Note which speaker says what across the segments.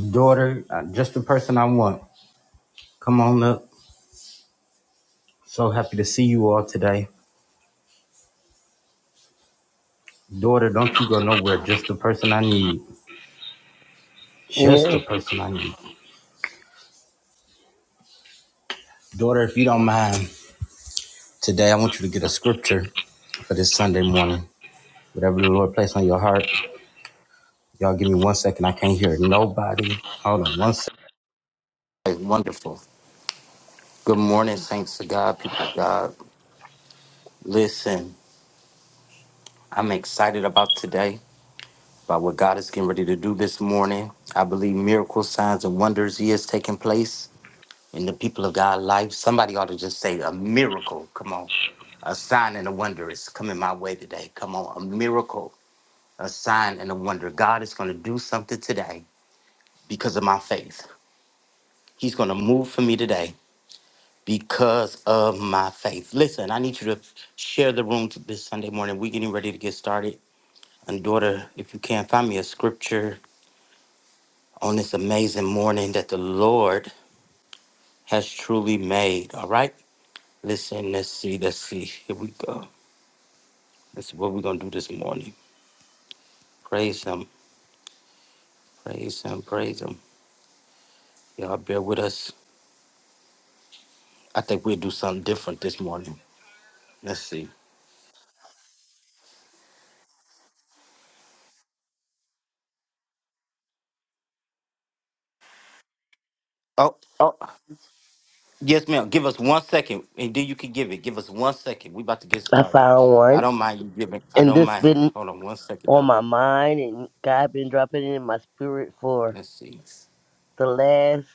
Speaker 1: Daughter, uh, just the person I want. Come on up. So happy to see you all today. Daughter, don't you go nowhere. Just the person I need. Just the
Speaker 2: Amen.
Speaker 1: person I need. Daughter, if you don't mind, today I want you to get a scripture for this Sunday morning. Whatever the Lord placed on your heart. Y'all give me one second. I can't hear nobody. Hold on one second. Wonderful. Good morning, saints of God, people of God. Listen, I'm excited about today. by what God is getting ready to do this morning. I believe miracles, signs, and wonders He is taking place in the people of God's life. Somebody ought to just say a miracle. Come on. A sign and a wonder is coming my way today. Come on. A miracle, a sign and a wonder. God is going to do something today because of my faith. He's going to move for me today because of my faith. Listen, I need you to share the room this Sunday morning. We're getting ready to get started. And daughter, if you can, find me a scripture on this amazing morning that the Lord has truly made. All right? Listen, let's see, let's see. Here we go. Let's see what we're going to do this morning. Praise Him, praise Him, praise Him. Y'all bear with us. I think we'll do something different this morning. Let's see. Oh, oh, yes, ma'am. Give us one second, and then you can give it. Give us one second. We about to get
Speaker 2: I
Speaker 1: started.
Speaker 2: found
Speaker 1: I
Speaker 2: one,
Speaker 1: don't mind you giving. I
Speaker 2: and
Speaker 1: don't
Speaker 2: this
Speaker 1: mind.
Speaker 2: been
Speaker 1: Hold on one second,
Speaker 2: on
Speaker 1: though.
Speaker 2: my mind, and God been dropping it in my spirit for
Speaker 1: Let's see.
Speaker 2: the last,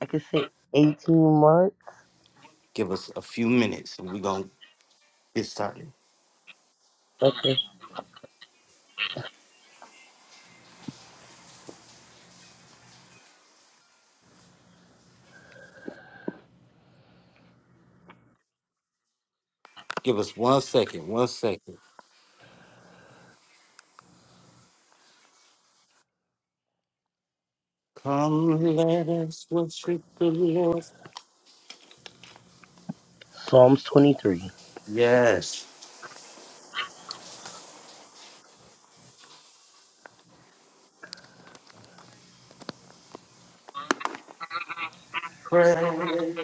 Speaker 2: I could say, eighteen months.
Speaker 1: Give us a few minutes, and we're going to get started.
Speaker 2: Okay.
Speaker 1: Give us one second, one second. Come, let us worship the Lord.
Speaker 2: Psalms twenty-three.
Speaker 1: Yes. Pray.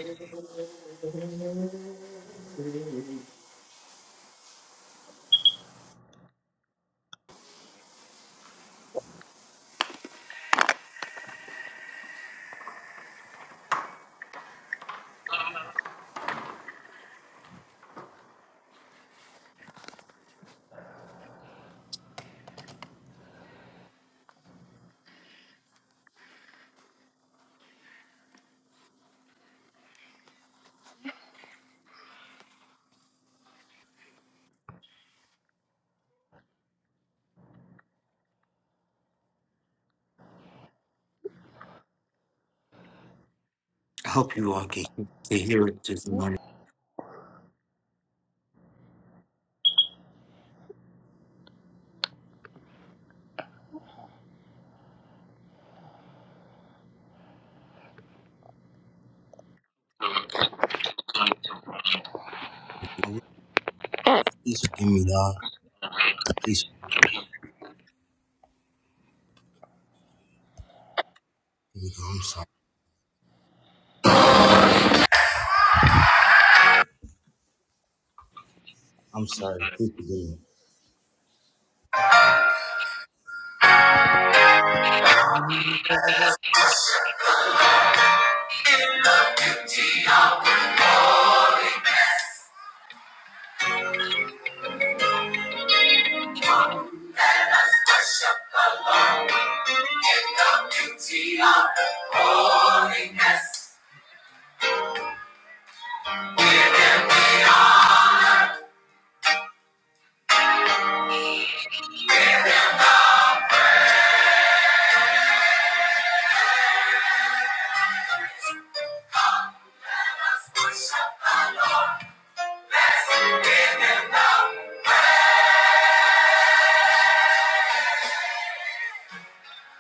Speaker 1: I hope you all can, can hear it this morning. Um, please forgive me, dog. Please forgive me, dog. I'm sorry. I'm sorry. Please forgive me. Let us worship the Lord in the beauty of holiness. Come, let us worship the Lord. Let's give him love.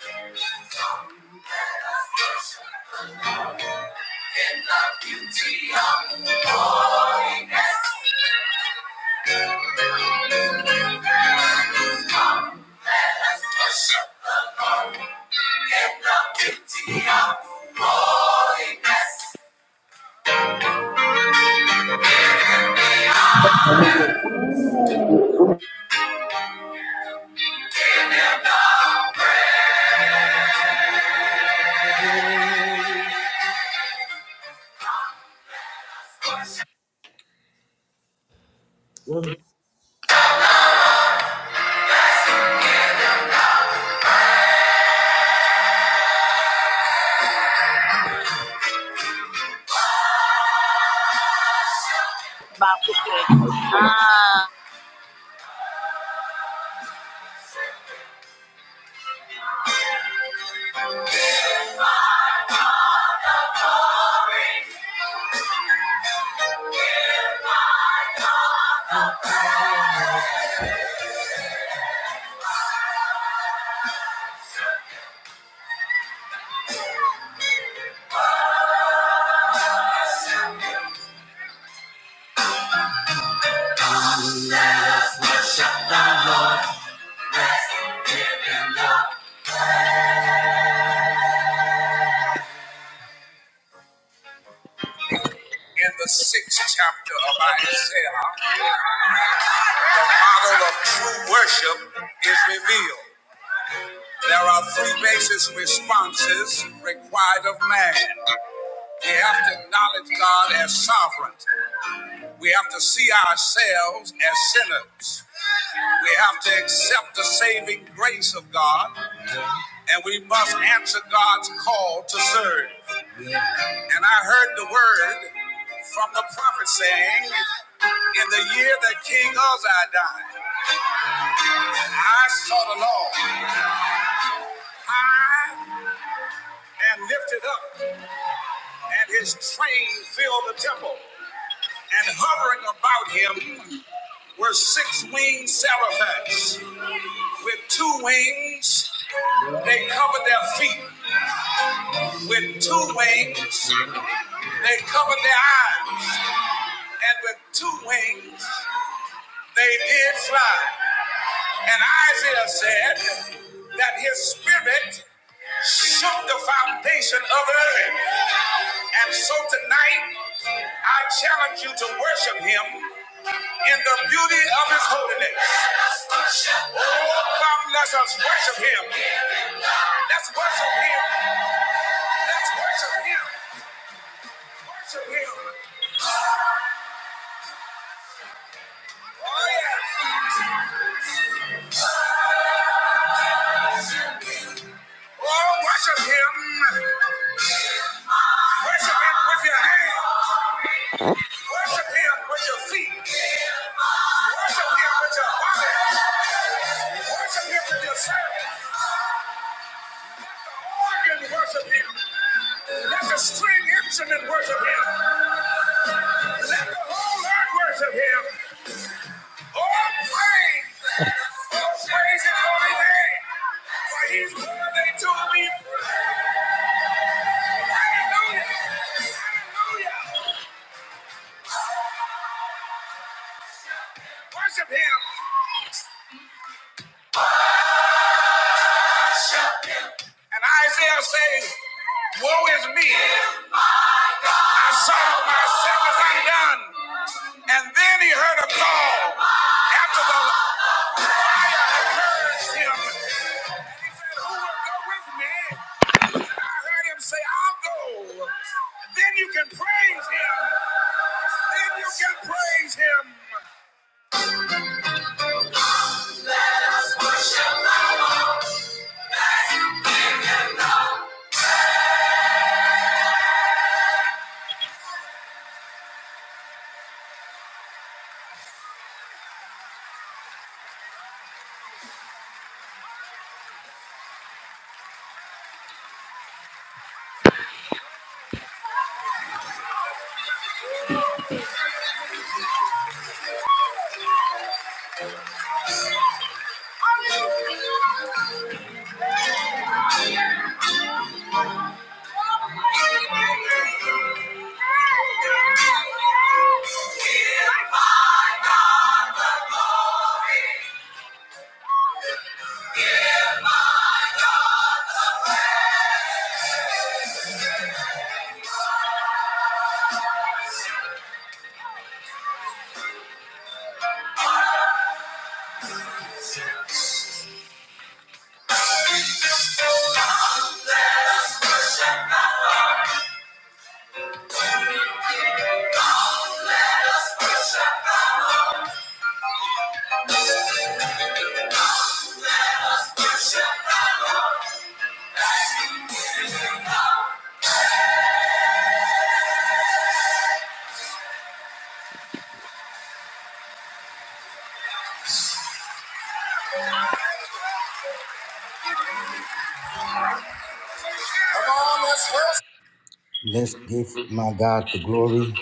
Speaker 1: holiness.
Speaker 3: Back to
Speaker 1: In the sixth chapter of Isaiah, the model of true worship is revealed. There are three basic responses required of man. We have to acknowledge God as sovereign. We have to see ourselves as sinners. We have to accept the saving grace of God, and we must answer God's call to serve. And I heard the word from the prophet saying, In the year that King Uzziah died, I saw the Lord high and lifted up, and his train filled the temple. And hovering about him were six winged seraphs. With two wings, they covered their feet. With two wings, they covered their eyes. And with two wings, they did fly. And Isaiah said that his spirit shook the foundation of earth. And so tonight, I challenge you to worship him in the beauty of his holiness. Oh, come, let us worship him. Let's worship him. Let's worship him. Worship him. Oh, yeah. Oh, worship him. Worship him with your hands. Worship him with your feet. Worship him with your body. Worship him with your soul. The organ worship him. Let the string instrument worship him. Let the whole earth worship him. Oh, praise. All praise his holy name. For he's worthy to be praised. Hallelujah. Hallelujah. Worship him. And Isaiah says, Woe is me. I saw myself as undone. And then he heard a call after the fire had purged him. And he said, Who will go with me? And I heard him say, I'll go. Then you can praise him. Then you can praise him. Let's give my God the glory.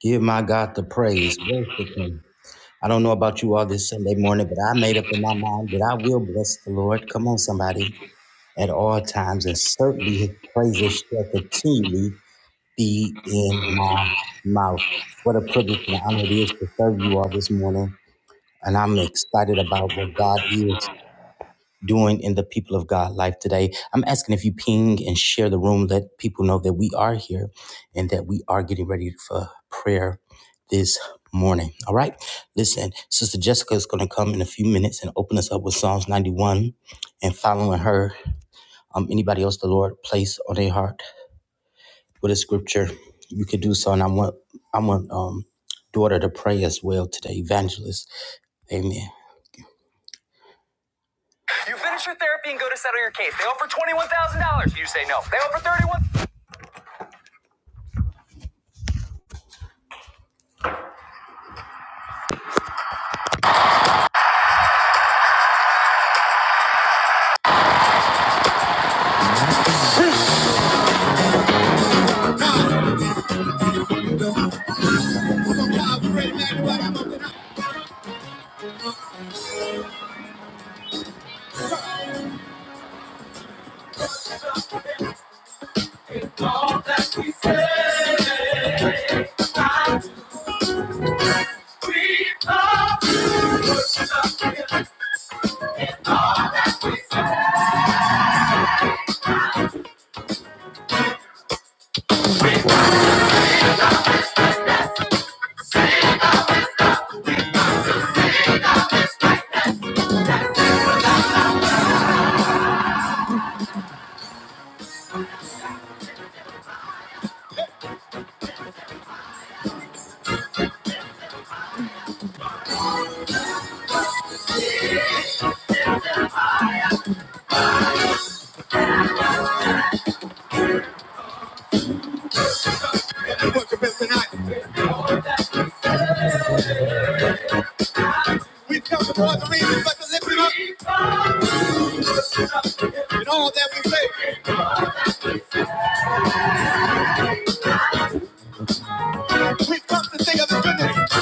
Speaker 1: Give my God the praise. Worship him. I don't know about you all this Sunday morning, but I made up in my mind that I will bless the Lord. Come on, somebody, at all times, and certainly his praises shall continually be in my mouth. What a privilege and honor it is to serve you all this morning. And I'm excited about what God is
Speaker 2: I
Speaker 1: doing in the people of God life today. I'm asking if you ping and share the room, let people know that we are here and that we are getting ready for prayer this morning. All right. Listen, Sister Jessica is going to come in a few minutes and open us up with Psalms 91 and following her. Um, anybody else the Lord place on their heart with a scripture, you could do so. And I want, I want, um, daughter to pray as well today, evangelist. Amen. Say no. They over 31. We've come for the reasons, but to lift him up in all that we say. We've come to sing of his goodness.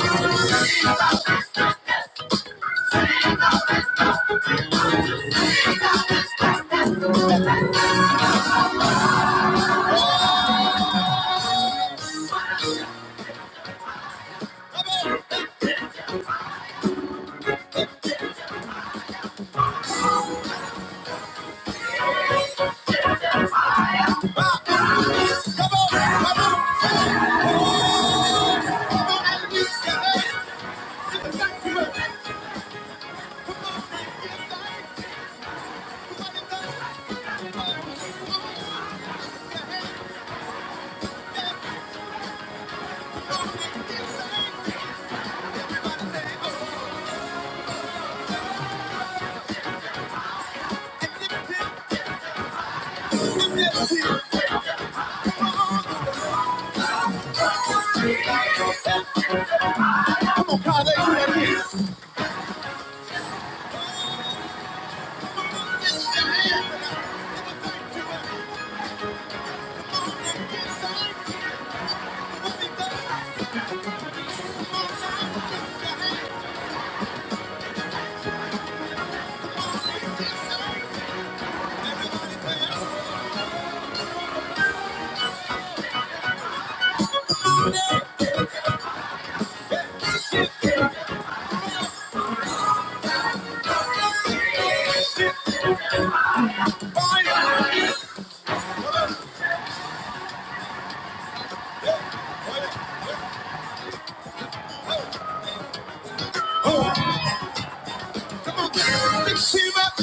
Speaker 1: Come on, lift him up.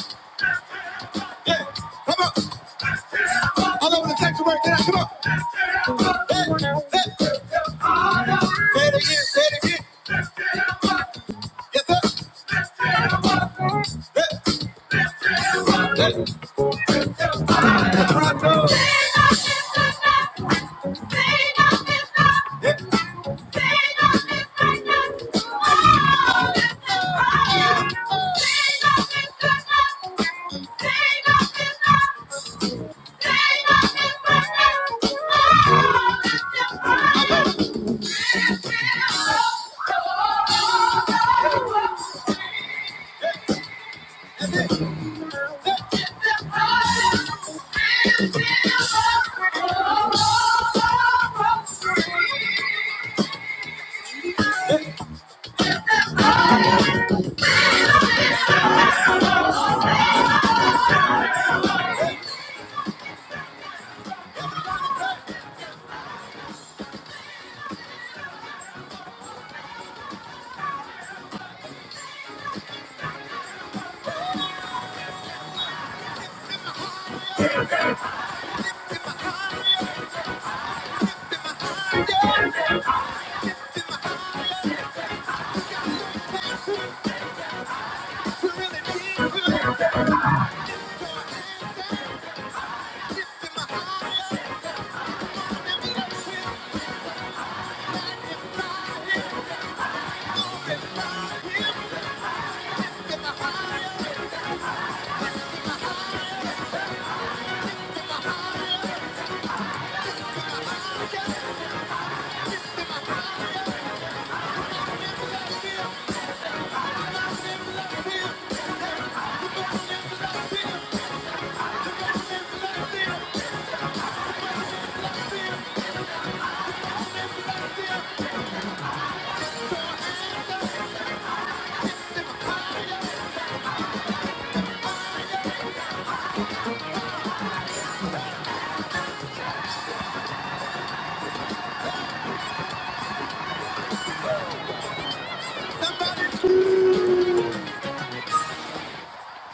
Speaker 1: Yeah, come on. All over the sanctuary tonight. Come on. Hey, hey. Say it again. Say it again. Yes, sir. Hey, hey. That's what I told. you. Yeah.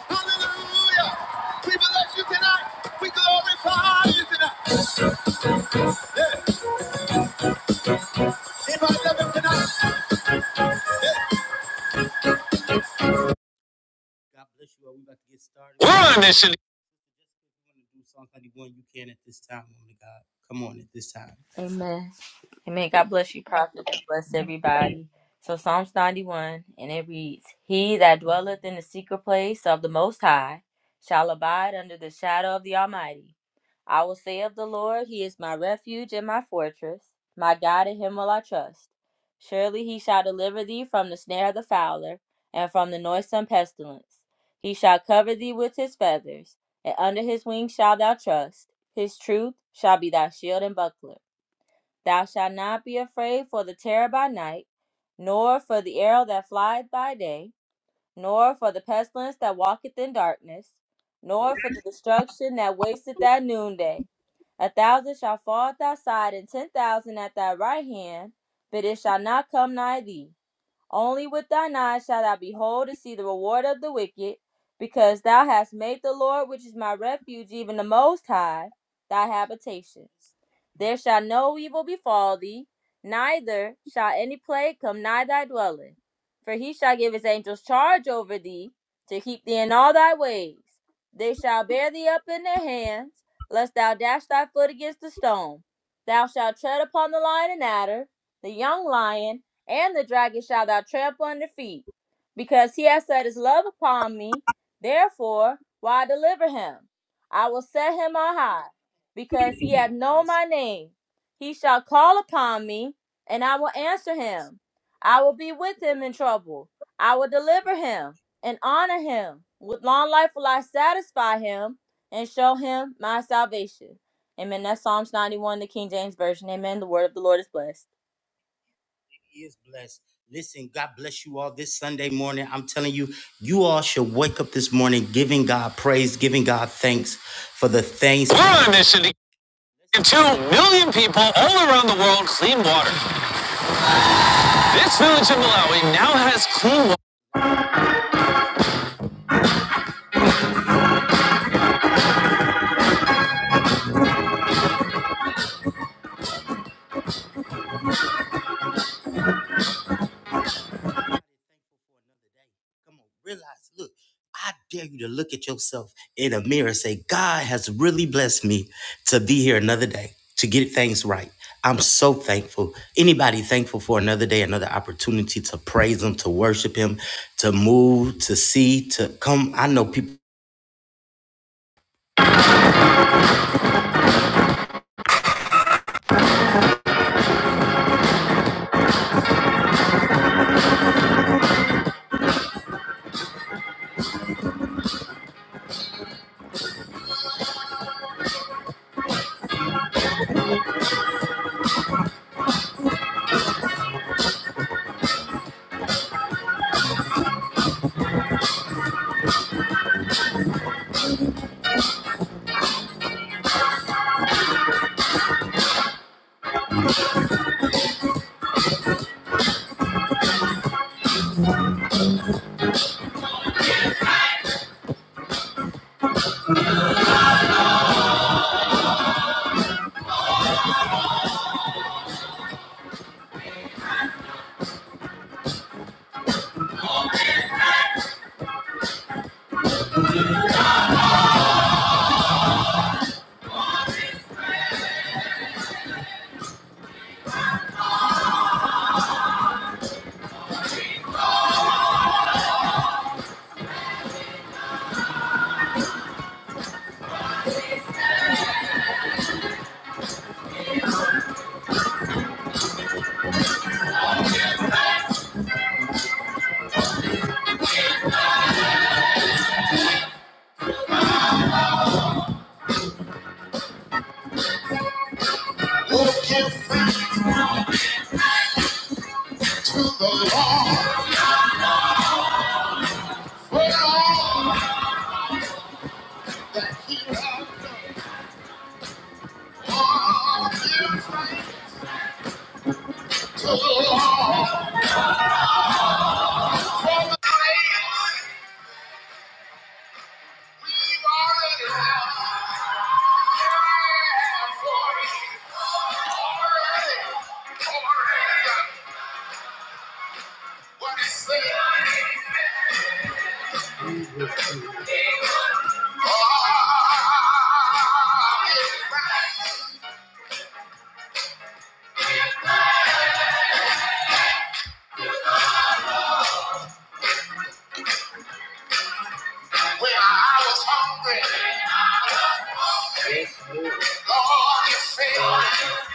Speaker 1: Hallelujah. We bless you tonight. We glorify you tonight. Yeah. Anybody love him tonight? God bless you. all. We about to get started. We're going to do Psalm 91. You can at this time, woman of God. Come on at this time.
Speaker 4: Amen. Amen. God bless you, prophet, and bless everybody. So Psalms 91, and it reads, He that dwelleth in the secret place of the Most High shall abide under the shadow of the Almighty. I will say of the Lord, He is my refuge and my fortress. My God, in Him will I trust. Surely He shall deliver thee from the snare of the fowler and from the noisome pestilence. He shall cover thee with His feathers, and under His wings shalt thou trust. His truth shall be thy shield and buckler. Thou shalt not be afraid for the terror by night, nor for the arrow that flieth by day, nor for the pestilence that walketh in darkness, nor for the destruction that wasteth at noonday. A thousand shall fall at thy side, and ten thousand at thy right hand, but it shall not come nigh thee. Only with thine eyes shalt thou behold to see the reward of the wicked, because thou hast made the Lord, which is my refuge, even the Most High, thy habitation. There shall no evil befall thee, neither shall any plague come nigh thy dwelling. For he shall give his angels charge over thee, to keep thee in all thy ways. They shall bear thee up in their hands, lest thou dash thy foot against a stone. Thou shalt tread upon the lion and adder, the young lion, and the dragon shalt thou trample under feet. Because he has set his love upon me, therefore will I deliver him. I will set him on high because he hath known my name. He shall call upon me, and I will answer him. I will be with him in trouble. I will deliver him and honor him. With long life will I satisfy him and show him my salvation. Amen. That's Psalms 91, the King James Version. Amen. The word of the Lord is blessed.
Speaker 1: He is blessed. Listen, God bless you all this Sunday morning. I'm telling you, you all should wake up this morning giving God praise, giving God thanks for the things. Come on, realize, look, I dare you to look at yourself in a mirror and say, God has really blessed me to be here another day, to get things right. I'm so thankful. Anybody thankful for another day, another opportunity to praise Him, to worship Him, to move, to see, to come? I know people. When I was hungry, Lord, you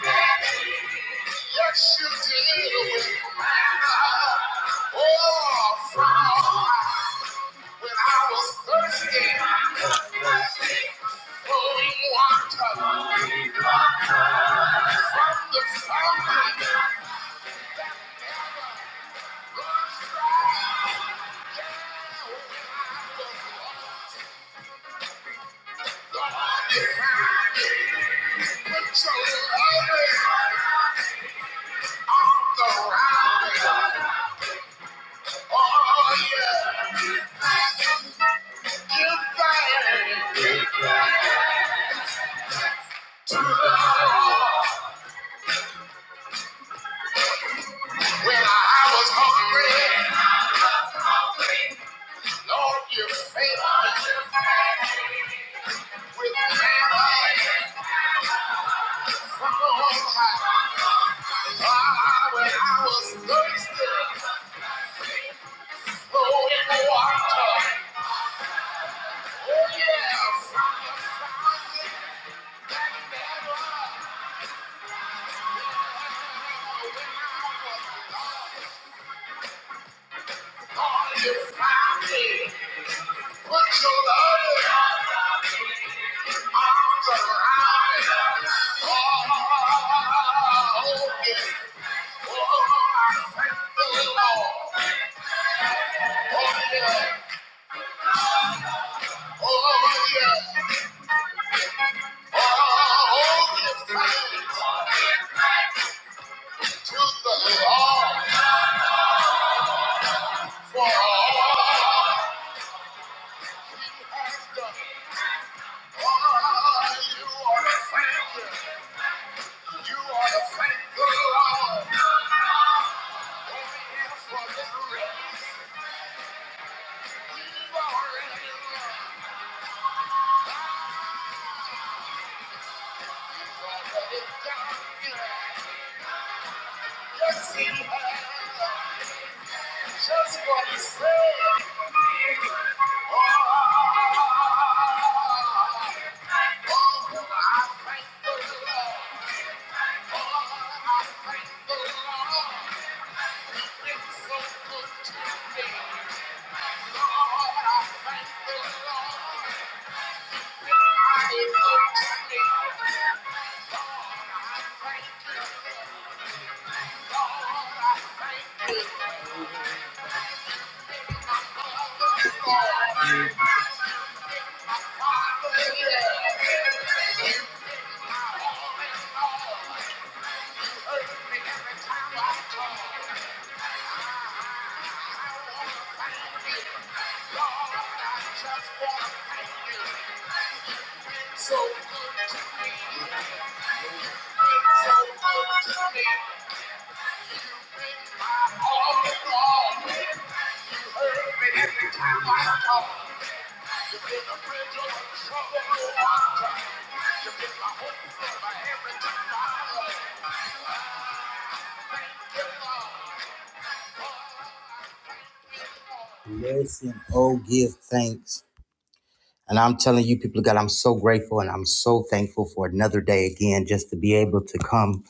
Speaker 1: fed me. Yes, you did. Oh, from when I was thirsty, flowing water. When I was hungry, Lord, you fed me. Listen, oh, give thanks. And I'm telling you, people of God, I'm so grateful and I'm so thankful for another day again, just to be able to come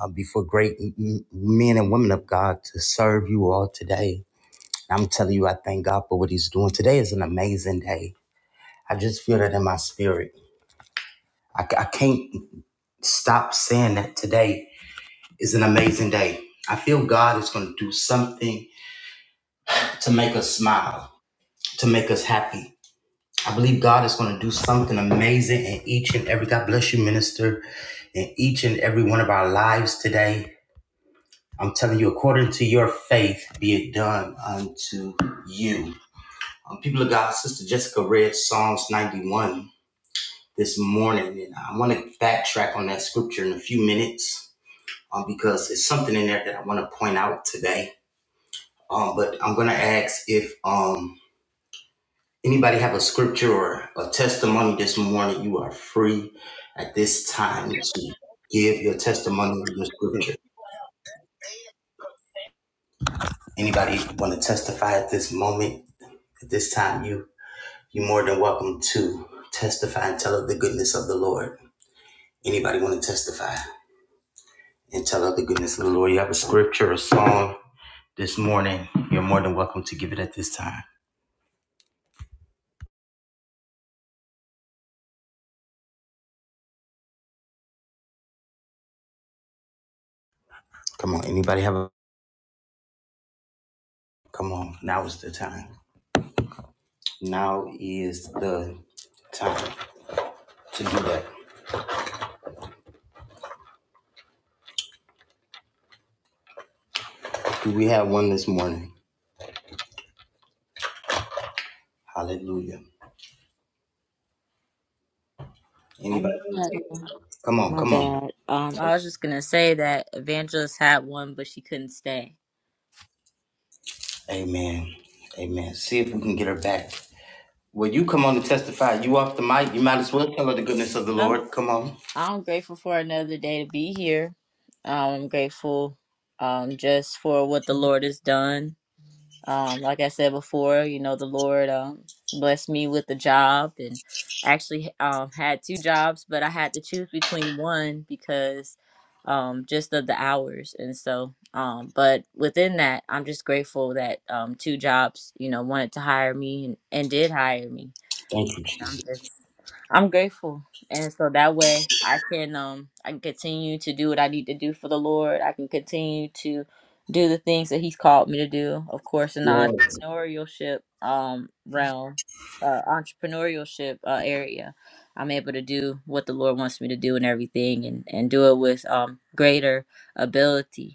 Speaker 1: uh, before great m- men and women of God to serve you all today. And I'm telling you, I thank God for what He's doing. Today is an amazing day. I just feel that in my spirit. I, I can't stop saying that today is an amazing day. I feel God is going to do something to make us smile, to make us happy I believe God is going to do something amazing in each and every, God bless you, minister, in each and every one of our lives today. I'm telling you, according to your faith, be it done unto you. Um, people of God, Sister Jessica read Psalms 91 this morning, and I want to backtrack on that scripture in a few minutes um, because it's something in there that I want to point out today. Um, but I'm going to ask if um. Anybody have a scripture or a testimony this morning? You are free at this time to
Speaker 5: They
Speaker 1: give your testimony or your scripture.
Speaker 5: had no family.
Speaker 1: Anybody want to testify at this moment? At this time, you you more than welcome to testify and tell of the goodness of the Lord. Anybody want to testify and tell of the goodness of the Lord? You have a scripture or song this morning. You're more than welcome to give it at this time. Come on, anybody have a come on? Now is the time. Now is the time. to do that. Do we have one this morning? Hallelujah.
Speaker 4: I
Speaker 1: Anybody
Speaker 4: know
Speaker 1: gonna
Speaker 4: that.
Speaker 1: take
Speaker 4: uh,
Speaker 1: it? Come on,
Speaker 4: my
Speaker 1: come on.
Speaker 4: bad. Um, I was just gonna say that Evangelist had one, but she couldn't stay.
Speaker 1: Amen. Amen. See if we can get her back. Will you come on to testify? You off the mic. You might as well tell her the goodness of the Lord. Come on.
Speaker 4: I'm grateful for another day to be here. Um, I'm grateful um, just for what the Lord has done. Um, like I said before, you know, the Lord um, blessed me with a job and actually um, had two jobs, but I had to choose between one because um, just of the hours. And so, um, but within that, I'm just grateful that um, two jobs, you know, wanted to hire me and, and did hire me
Speaker 1: Thank you.
Speaker 4: and I'm just I'm grateful. And so that way I can um I can continue to do what I need to do for the Lord. I can continue to do the things that He's called me to do. Of course, in the entrepreneurship um realm, uh, entrepreneurship uh, area, I'm able to do what the Lord wants me to do and everything, and and do it with um greater ability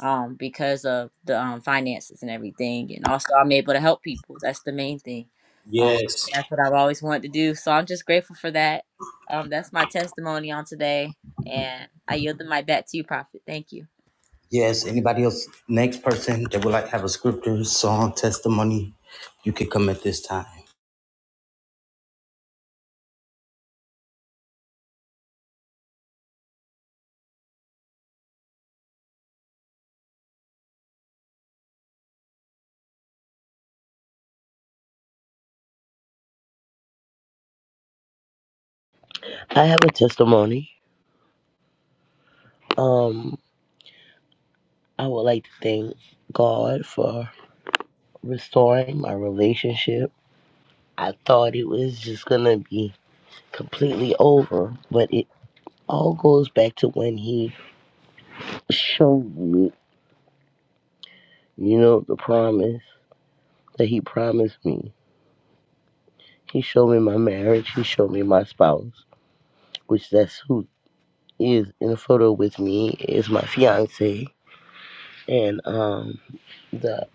Speaker 4: um, because of the um, finances and everything. And also, I'm able to help people. That's the main thing. Um, that's what I've always wanted to do. So I'm just grateful for that. Um, that's my testimony on today. And I yield the mic back to you, Prophet. Thank you.
Speaker 1: Yes. Anybody else? Next person that would like to have a scripture, song, testimony, you could come at this time.
Speaker 2: have a testimony. Um, I would like to thank God for restoring my relationship. I thought it was just gonna be completely over, but it all goes back to when He showed me, you know, the promise that He promised me. He showed me my marriage. He showed me my spouse, which that's who is in the photo with me is my fiance. And um, the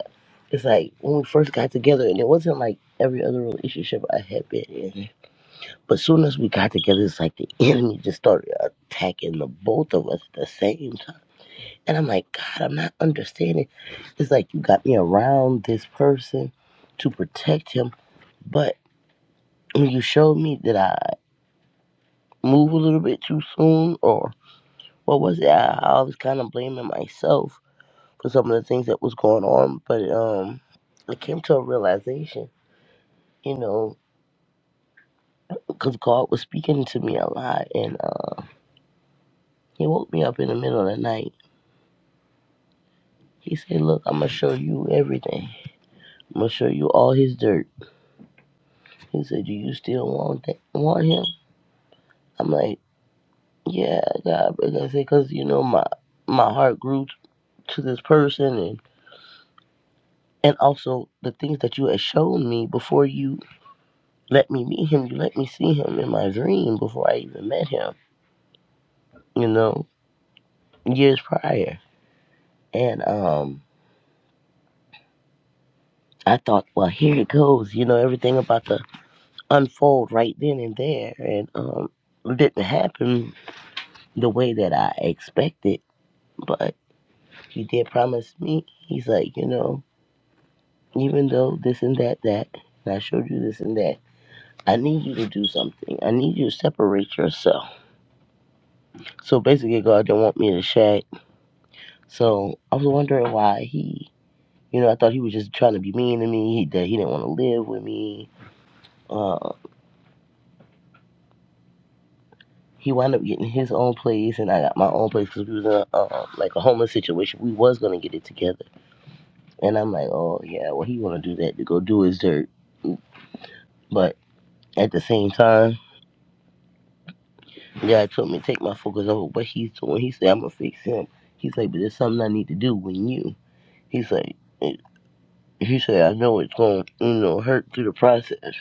Speaker 2: it's like when we first got together, and it wasn't like every other relationship I had been in. But soon as we got together, it's like the enemy just started attacking the both of us at the same time. And I'm like, God, I'm not understanding. It's like you got me around this person to protect him, but when you showed me that I move a little bit too soon, or what was it? I, I was kind of blaming myself for some of the things that was going on, but um, I came to a realization, you know, because God was speaking to me a lot, and uh, He woke me up in the middle of the night. He said, "Look, I'm gonna show you everything. I'm gonna show you all His dirt." He said, "Do you still want that? Want Him?" I'm like, "Yeah, God," but I said, "Because you know, my my heart grew t- to this person and." And also the things that you had shown me before you let me meet him. You let me see him in my dream before I even met him, you know, years prior. And um, I thought, well, here it goes, you know, everything about to unfold right then and there. And um, it didn't happen the way that I expected, but he did promise me. He's like, you know, even though this and that, that, and I showed you this and that. I need you to do something. I need you to separate yourself. So basically, God didn't want me to shag so I was wondering why he You know, I thought he was just trying to be mean to me, that he didn't want to live with me. Uh, he wound up getting his own place, and I got my own place because we was in a, uh, like a homeless situation. We was going to get it together. And I'm like, oh, yeah, well, he want to do that to go do his dirt. But at the same time, God told me to take my focus over what he's doing. He said, I'm going to fix him. He's like, but there's something I need to do with you. He's like, eh, he said, I know it's going to, you know, hurt through the process.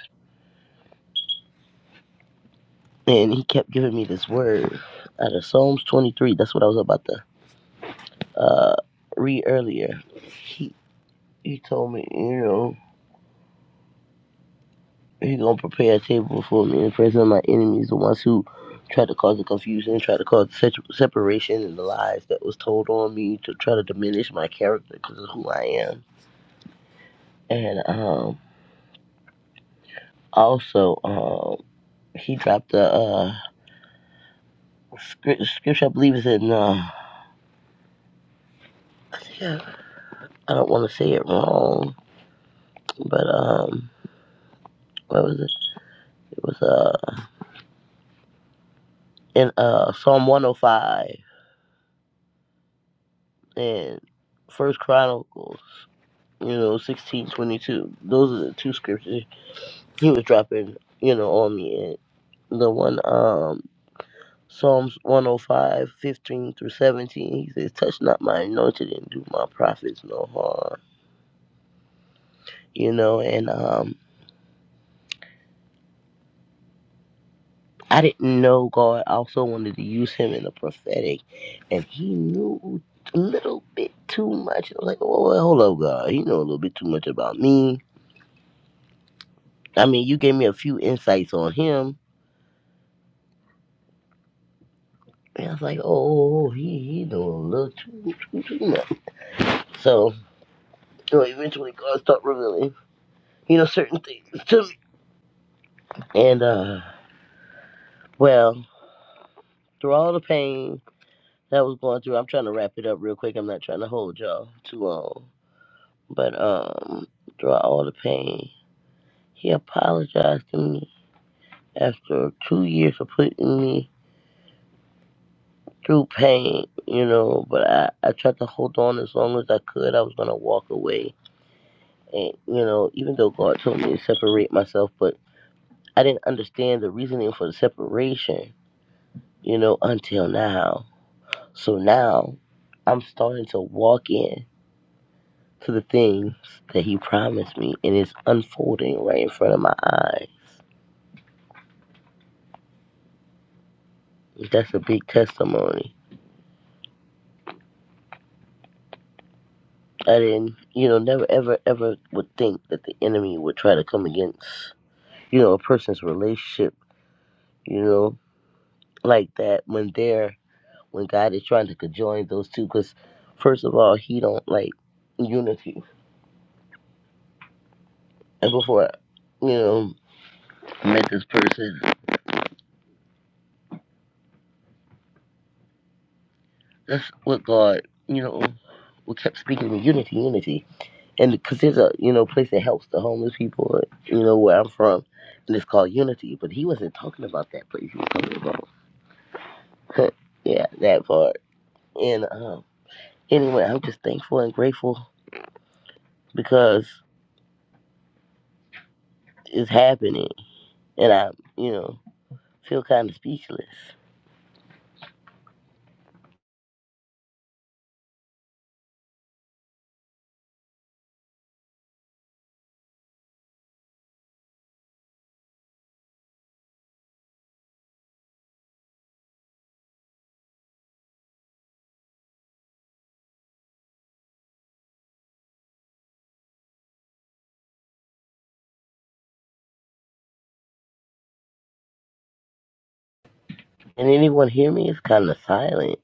Speaker 2: and he kept giving me this word out of Psalms 23. That's what I was about to uh, read earlier. He he told me, you know, he's gonna prepare a table for me in the presence of my enemies, the ones who tried to cause the confusion, tried to cause se- separation, and the lies that was told on me to try to diminish my character because of who I am. And um, also, um, he dropped a uh, scripture. I believe is in. Uh, I think I I don't want to say it wrong, but um. what was it? It was uh in uh Psalm 105 and First Chronicles, you know, 1622. Those are the two scriptures he was dropping, you know, on me. And the one um Psalms 105, 15 through 17, he says, Touch not my anointed and do my prophets no harm. You know, and um I didn't know God also wanted to use him in the prophetic, and he knew a little bit too much. I was like, oh, well, hold up, God. You know a little bit too much about me. I mean, you gave me a few insights on him. And I was like, oh, oh, oh, he, he know a little too, too, too much. So, you know, eventually God started revealing, you know, certain things to me. And, uh, well, through all the pain that I was going through, I'm trying to wrap it up real quick. I'm not trying to hold y'all too long. But um, throughout all the pain, he apologized to me after two years of putting me through pain, you know. But I, I tried to hold on as long as I could. I was gonna walk away, and you know, even though God told me to separate myself, but I didn't understand the reasoning for the separation, you know, until now. So now, I'm starting to walk in to the things that He promised me, and it's unfolding right in front of my eyes That's a big testimony. I didn't, you know, never ever ever would think that the enemy would try to come against, you know, a person's relationship, you know, like that when they're when God is trying to conjoin those two. Because first of all, He don't like unity. And before, you know, I met this person, that's what God, you know, we kept speaking to unity, unity. and because there's a you know place that helps the homeless people, you know where I'm from, and it's called Unity. But he wasn't talking about that place. He was talking about yeah that part. And um, anyway, I'm just thankful and grateful because it's happening, and I you know feel kind of speechless. And anyone hear me? It's kind of silent.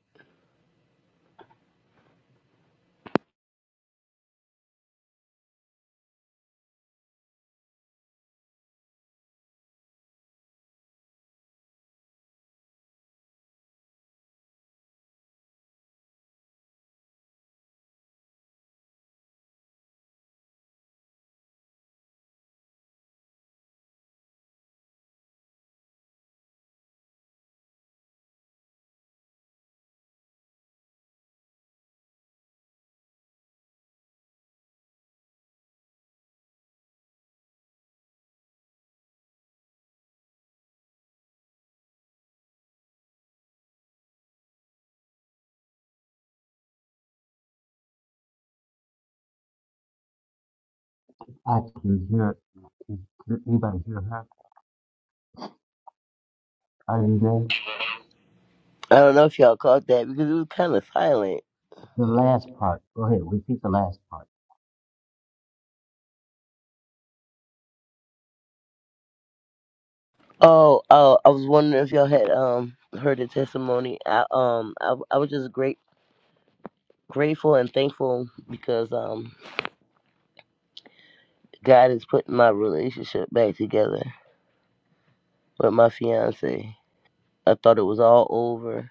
Speaker 1: Yeah, anybody hear her? Oh,
Speaker 2: I don't know if y'all caught that because it was kind of silent.
Speaker 1: part, last part.
Speaker 2: Oh, oh, I was wondering if y'all had um heard the testimony. I um I I was just great. grateful and thankful because um God is putting my relationship back together with my fiance. I thought it was all over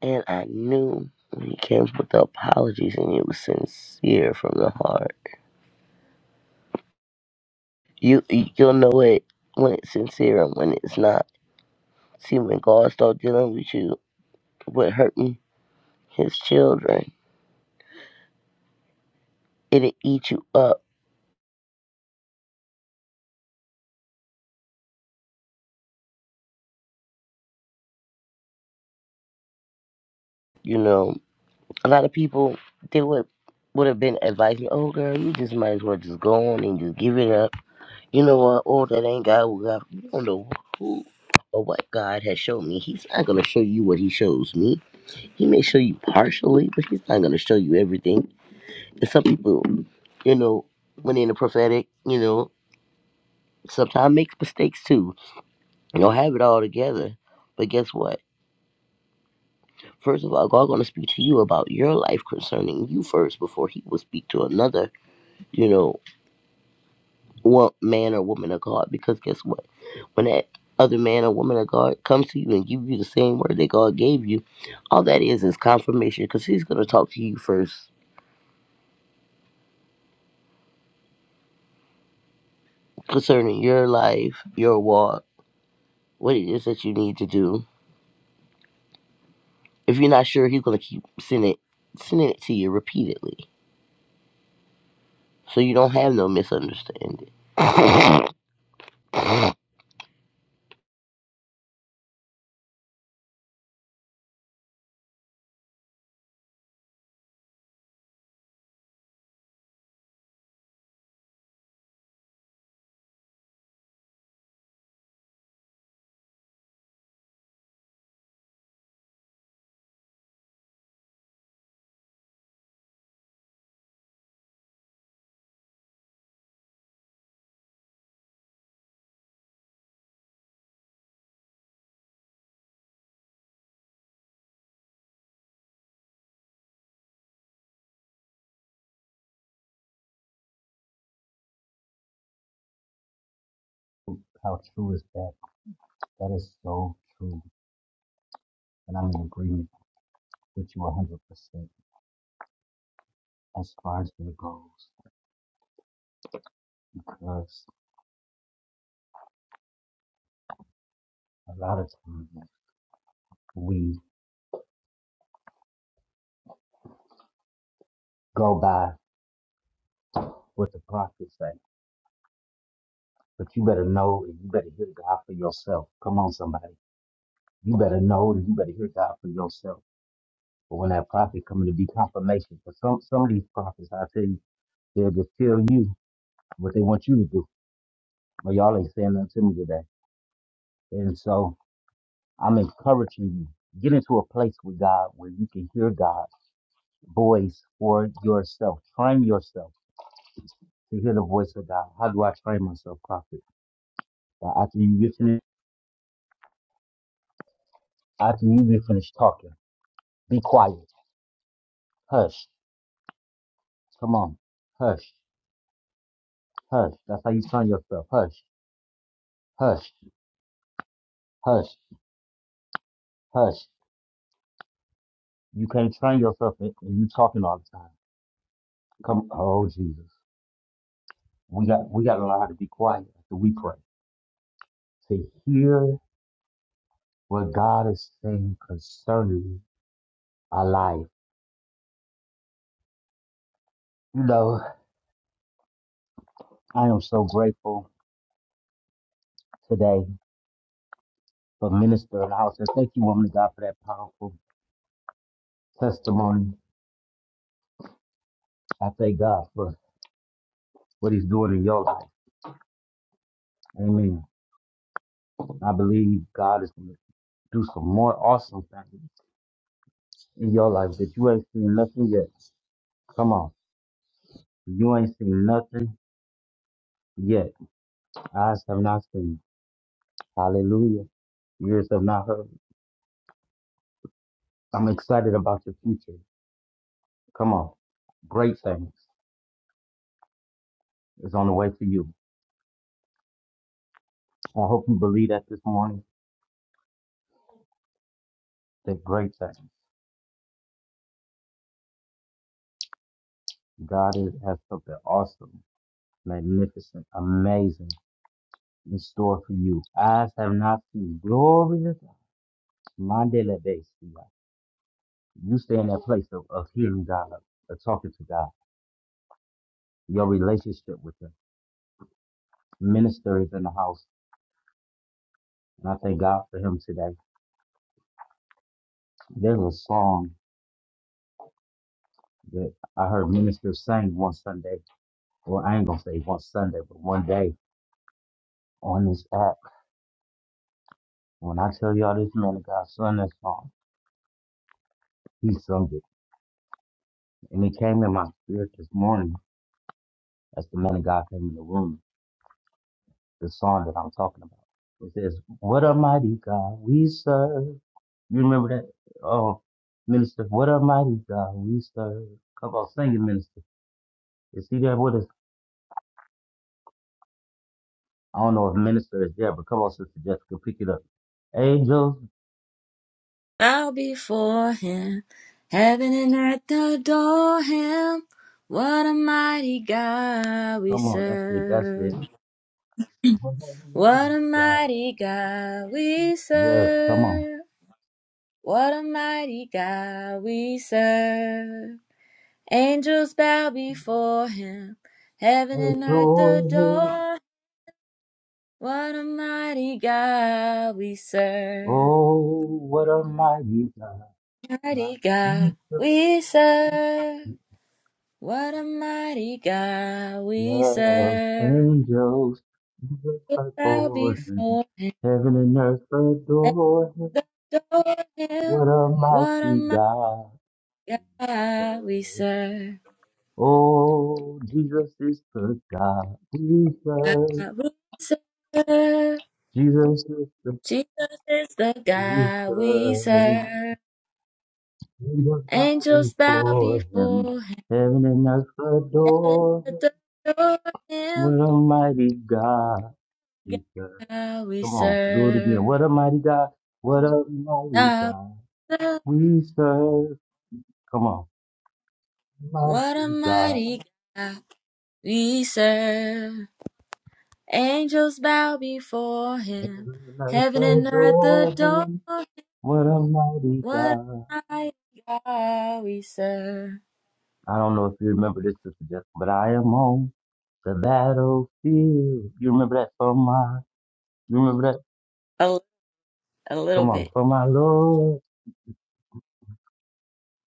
Speaker 2: and I knew when he came with the apologies and it was sincere from the heart. You you'll know it when it's sincere and when it's not. See when God starts dealing with you with hurting his children, it'll eat you up, you know. A lot of people they would would have been advising, Oh girl, you just might as well just go on and just give it up You know what? All that ain't God will God. You don't know who or what God has shown me. He's not gonna show you what He shows me. He may show you partially, but He's not gonna show you everything. And some people, you know, when in the prophetic, you know, sometimes makes mistakes too. You don't have it all together. But guess what? First of all, God gonna speak to you about your life concerning you first before He will speak to another, you know, wo- man or woman of God. Because guess what? when that other man or woman of God comes to you and give you the same word that God gave you, all that is is confirmation because He's going to talk to you first concerning your life, your walk, what it is that you need to do. If you're not sure, He's going to keep sending it, sending it to you repeatedly, so you don't have no misunderstanding.
Speaker 1: How true is that? That is so true. And I'm in agreement with you 100%. as far as that goes, because a lot of times we go by what the prophets say, but you better know and you better hear God for yourself. Come on, somebody, you better know and you better hear God for yourself. But when that prophet comes to be confirmation, for some some of these prophets, I tell you, they'll just tell you what they want you to do, but y'all ain't saying nothing to me today. And so I'm encouraging you get into a place with God where you can hear God's voice for yourself. Train yourself to hear the voice of God. How do I train myself, prophet? That after you get finished, after you get finished talking, be quiet. Hush. Come on. Hush. Hush. That's how you train yourself. Hush. Hush. Hush. Hush. You can't train yourself and and you talking all the time. Come oh Jesus. We got we gotta learn how to be quiet after we pray. To hear what God is saying concerning our life. You know, I am so grateful today. for ministering house. And thank you, woman of God, for that powerful testimony. I thank God for what he's doing in your life. Amen. I believe God is going to do some more awesome things in your life that you ain't seen nothing yet. Come on. You ain't seen nothing yet. Eyes have not seen. Hallelujah. Ears have not heard. I'm excited about your future. Come on. Great things is on the way for you. I hope you believe that this morning. That great things. God is, has something awesome magnificent, amazing in store for you. Eyes have not seen glory to God. Mandela Bay, you stay in that place of, of hearing God, of, of talking to God, your relationship with Him. Minister is in the house, and I thank God for Him today. There's a song that I heard minister sing one Sunday. Well, I ain't gonna say one Sunday, but one day on this app. When I tell y'all this man of God sung that song, he sung it. And it came in my spirit this morning as the man of God came in the room The song that I'm talking about. It says, "What a mighty God we serve." You remember that, oh minister? What a mighty God we serve. Come on, sing it, minister. Is he there with us? I don't know if minister is there, but come on, sister Jessica, pick it up. Angels,
Speaker 4: Bow before him, heaven and earth adore him. What a mighty God we
Speaker 1: come on, that's it, that's it.
Speaker 4: serve.
Speaker 1: What a
Speaker 4: What
Speaker 1: mighty
Speaker 4: a
Speaker 1: God.
Speaker 4: mighty God we
Speaker 1: Yes, come on.
Speaker 4: serve. What a mighty God we serve. Angels bow before him. Heaven and earth
Speaker 1: Adore him.
Speaker 4: adore. What a mighty God we serve.
Speaker 1: Oh, what a mighty God
Speaker 4: Mighty
Speaker 1: we
Speaker 4: God
Speaker 1: serve.
Speaker 4: we serve. What a mighty God we
Speaker 1: Yes,
Speaker 4: serve.
Speaker 1: angels
Speaker 4: Angels bow
Speaker 1: adore him.
Speaker 4: before him.
Speaker 1: Heaven and earth
Speaker 4: Heaven
Speaker 1: adore him.
Speaker 4: adore him.
Speaker 1: What a
Speaker 4: What a
Speaker 1: mighty
Speaker 4: mighty
Speaker 1: God.
Speaker 4: God we serve.
Speaker 1: Oh, Jesus is the God.
Speaker 4: God
Speaker 1: Jesus,
Speaker 4: we serve.
Speaker 1: Jesus is the
Speaker 4: Jesus is the God we
Speaker 1: Jesus.
Speaker 4: serve.
Speaker 1: We will bow
Speaker 4: Angels bow
Speaker 1: before him.
Speaker 4: before him.
Speaker 1: Heaven and earth
Speaker 4: Heaven
Speaker 1: adore him.
Speaker 4: adore him.
Speaker 1: What a God. he is.
Speaker 4: God we
Speaker 1: Come on.
Speaker 4: serve.
Speaker 1: God, what a
Speaker 4: God
Speaker 1: we are. Come on.
Speaker 4: What a
Speaker 1: Mighty God.
Speaker 4: mighty God we serve. Angels bow before him. Heaven and earth
Speaker 1: Adore him.
Speaker 4: adore.
Speaker 1: What a mighty
Speaker 4: What
Speaker 1: God.
Speaker 4: a mighty God we serve.
Speaker 1: I don't know if you remember this, Sister Jessica, but I am on the battlefield. You remember that from my, you remember that?
Speaker 4: A, a little
Speaker 1: Come on,
Speaker 4: bit.
Speaker 1: for my Lord,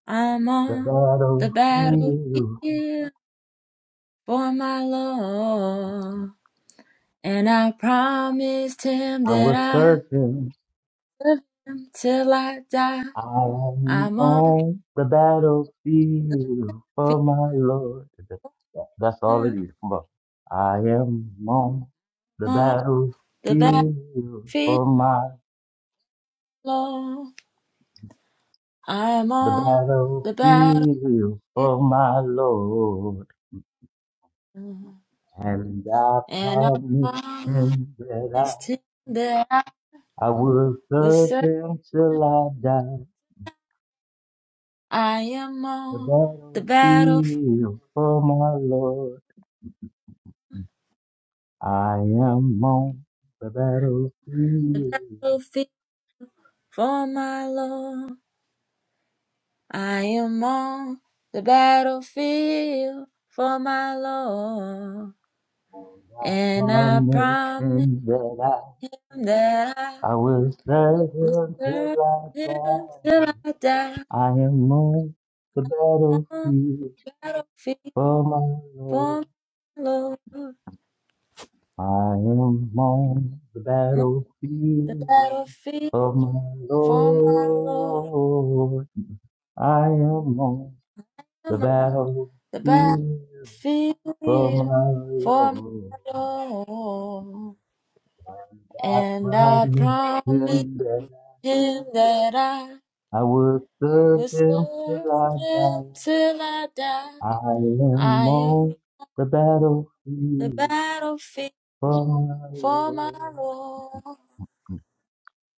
Speaker 4: I'm
Speaker 1: the
Speaker 4: on the
Speaker 1: battlefield.
Speaker 4: battlefield. for my Lord. And I promised him
Speaker 1: I
Speaker 4: that
Speaker 1: was
Speaker 4: I
Speaker 1: searching.
Speaker 4: love him till I die.
Speaker 1: I am
Speaker 4: I'm on the
Speaker 1: on the battlefield
Speaker 4: field,
Speaker 1: for my Lord. That- That's all it
Speaker 4: I'm
Speaker 1: is. Come on. I am on the
Speaker 4: on
Speaker 1: battlefield
Speaker 4: the battlefield,
Speaker 1: for my,
Speaker 4: Lord. I'm
Speaker 1: the
Speaker 4: on the battlefield,
Speaker 1: battlefield for my Lord.
Speaker 4: Lord.
Speaker 1: And I
Speaker 4: and I
Speaker 1: promised
Speaker 4: promised
Speaker 1: him that
Speaker 4: him that I
Speaker 1: I, I would
Speaker 4: was
Speaker 1: serve
Speaker 4: certain
Speaker 1: him till I die.
Speaker 4: I am
Speaker 1: The
Speaker 4: on the battlefield,
Speaker 1: battlefield for my Lord. I am on the battlefield.
Speaker 4: the battlefield for my Lord. I am on the battlefield for my Lord,
Speaker 1: I
Speaker 4: and I
Speaker 1: promised
Speaker 4: promise
Speaker 1: him that
Speaker 4: him that I
Speaker 1: I, I will serve
Speaker 4: will
Speaker 1: him till
Speaker 4: serve
Speaker 1: I
Speaker 4: him
Speaker 1: die.
Speaker 4: till I die
Speaker 1: I am on the
Speaker 4: on
Speaker 1: battlefield
Speaker 4: the battlefield
Speaker 1: for my Lord.
Speaker 4: for my Lord.
Speaker 1: I am on the
Speaker 4: On the
Speaker 1: battlefield.
Speaker 4: battlefield
Speaker 1: of my
Speaker 4: for my Lord,
Speaker 1: Lord. I am on the
Speaker 4: I'm on
Speaker 1: battlefield
Speaker 4: the
Speaker 1: for
Speaker 4: battlefield
Speaker 1: my
Speaker 4: for my
Speaker 1: Lord.
Speaker 4: Lord,
Speaker 1: I
Speaker 4: and I
Speaker 1: promised
Speaker 4: promise
Speaker 1: him that
Speaker 4: him that I.
Speaker 1: I would serve
Speaker 4: Will
Speaker 1: him till
Speaker 4: serve
Speaker 1: I
Speaker 4: him
Speaker 1: die.
Speaker 4: till I die.
Speaker 1: I am
Speaker 4: I am
Speaker 1: on the
Speaker 4: the
Speaker 1: battlefield
Speaker 4: battlefield
Speaker 1: for my
Speaker 4: for my
Speaker 1: Lord.
Speaker 4: Lord.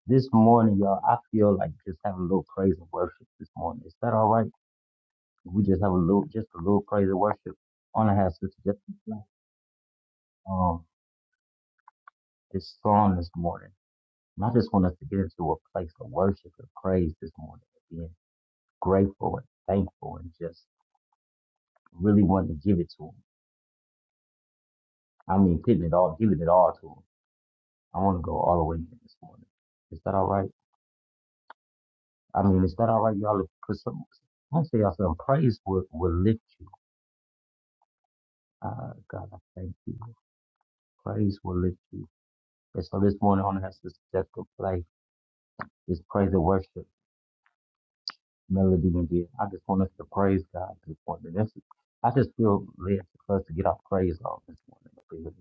Speaker 1: This morning, y'all, I feel like just having a little praise and worship this morning. Is that all right? We just have a little, just a little praise and worship. I want to have Sister Jessica. Um, this song this morning. And I just want us to get into a place of worship and praise this morning, being grateful and thankful and just really wanting to give it to Him. I mean, putting it all, giving it all to Him. I want to go all the way in this morning. Is that all right? I mean, is that all right, y'all? Because I say y'all something. Praise will, will lift you. Uh, God, I thank you. Praise will lift you. And so this morning, I want to have Sister Jessica play this praise and worship. melody and get. I just want us to praise God this morning. That's, I just feel led for us to get our praise on this morning.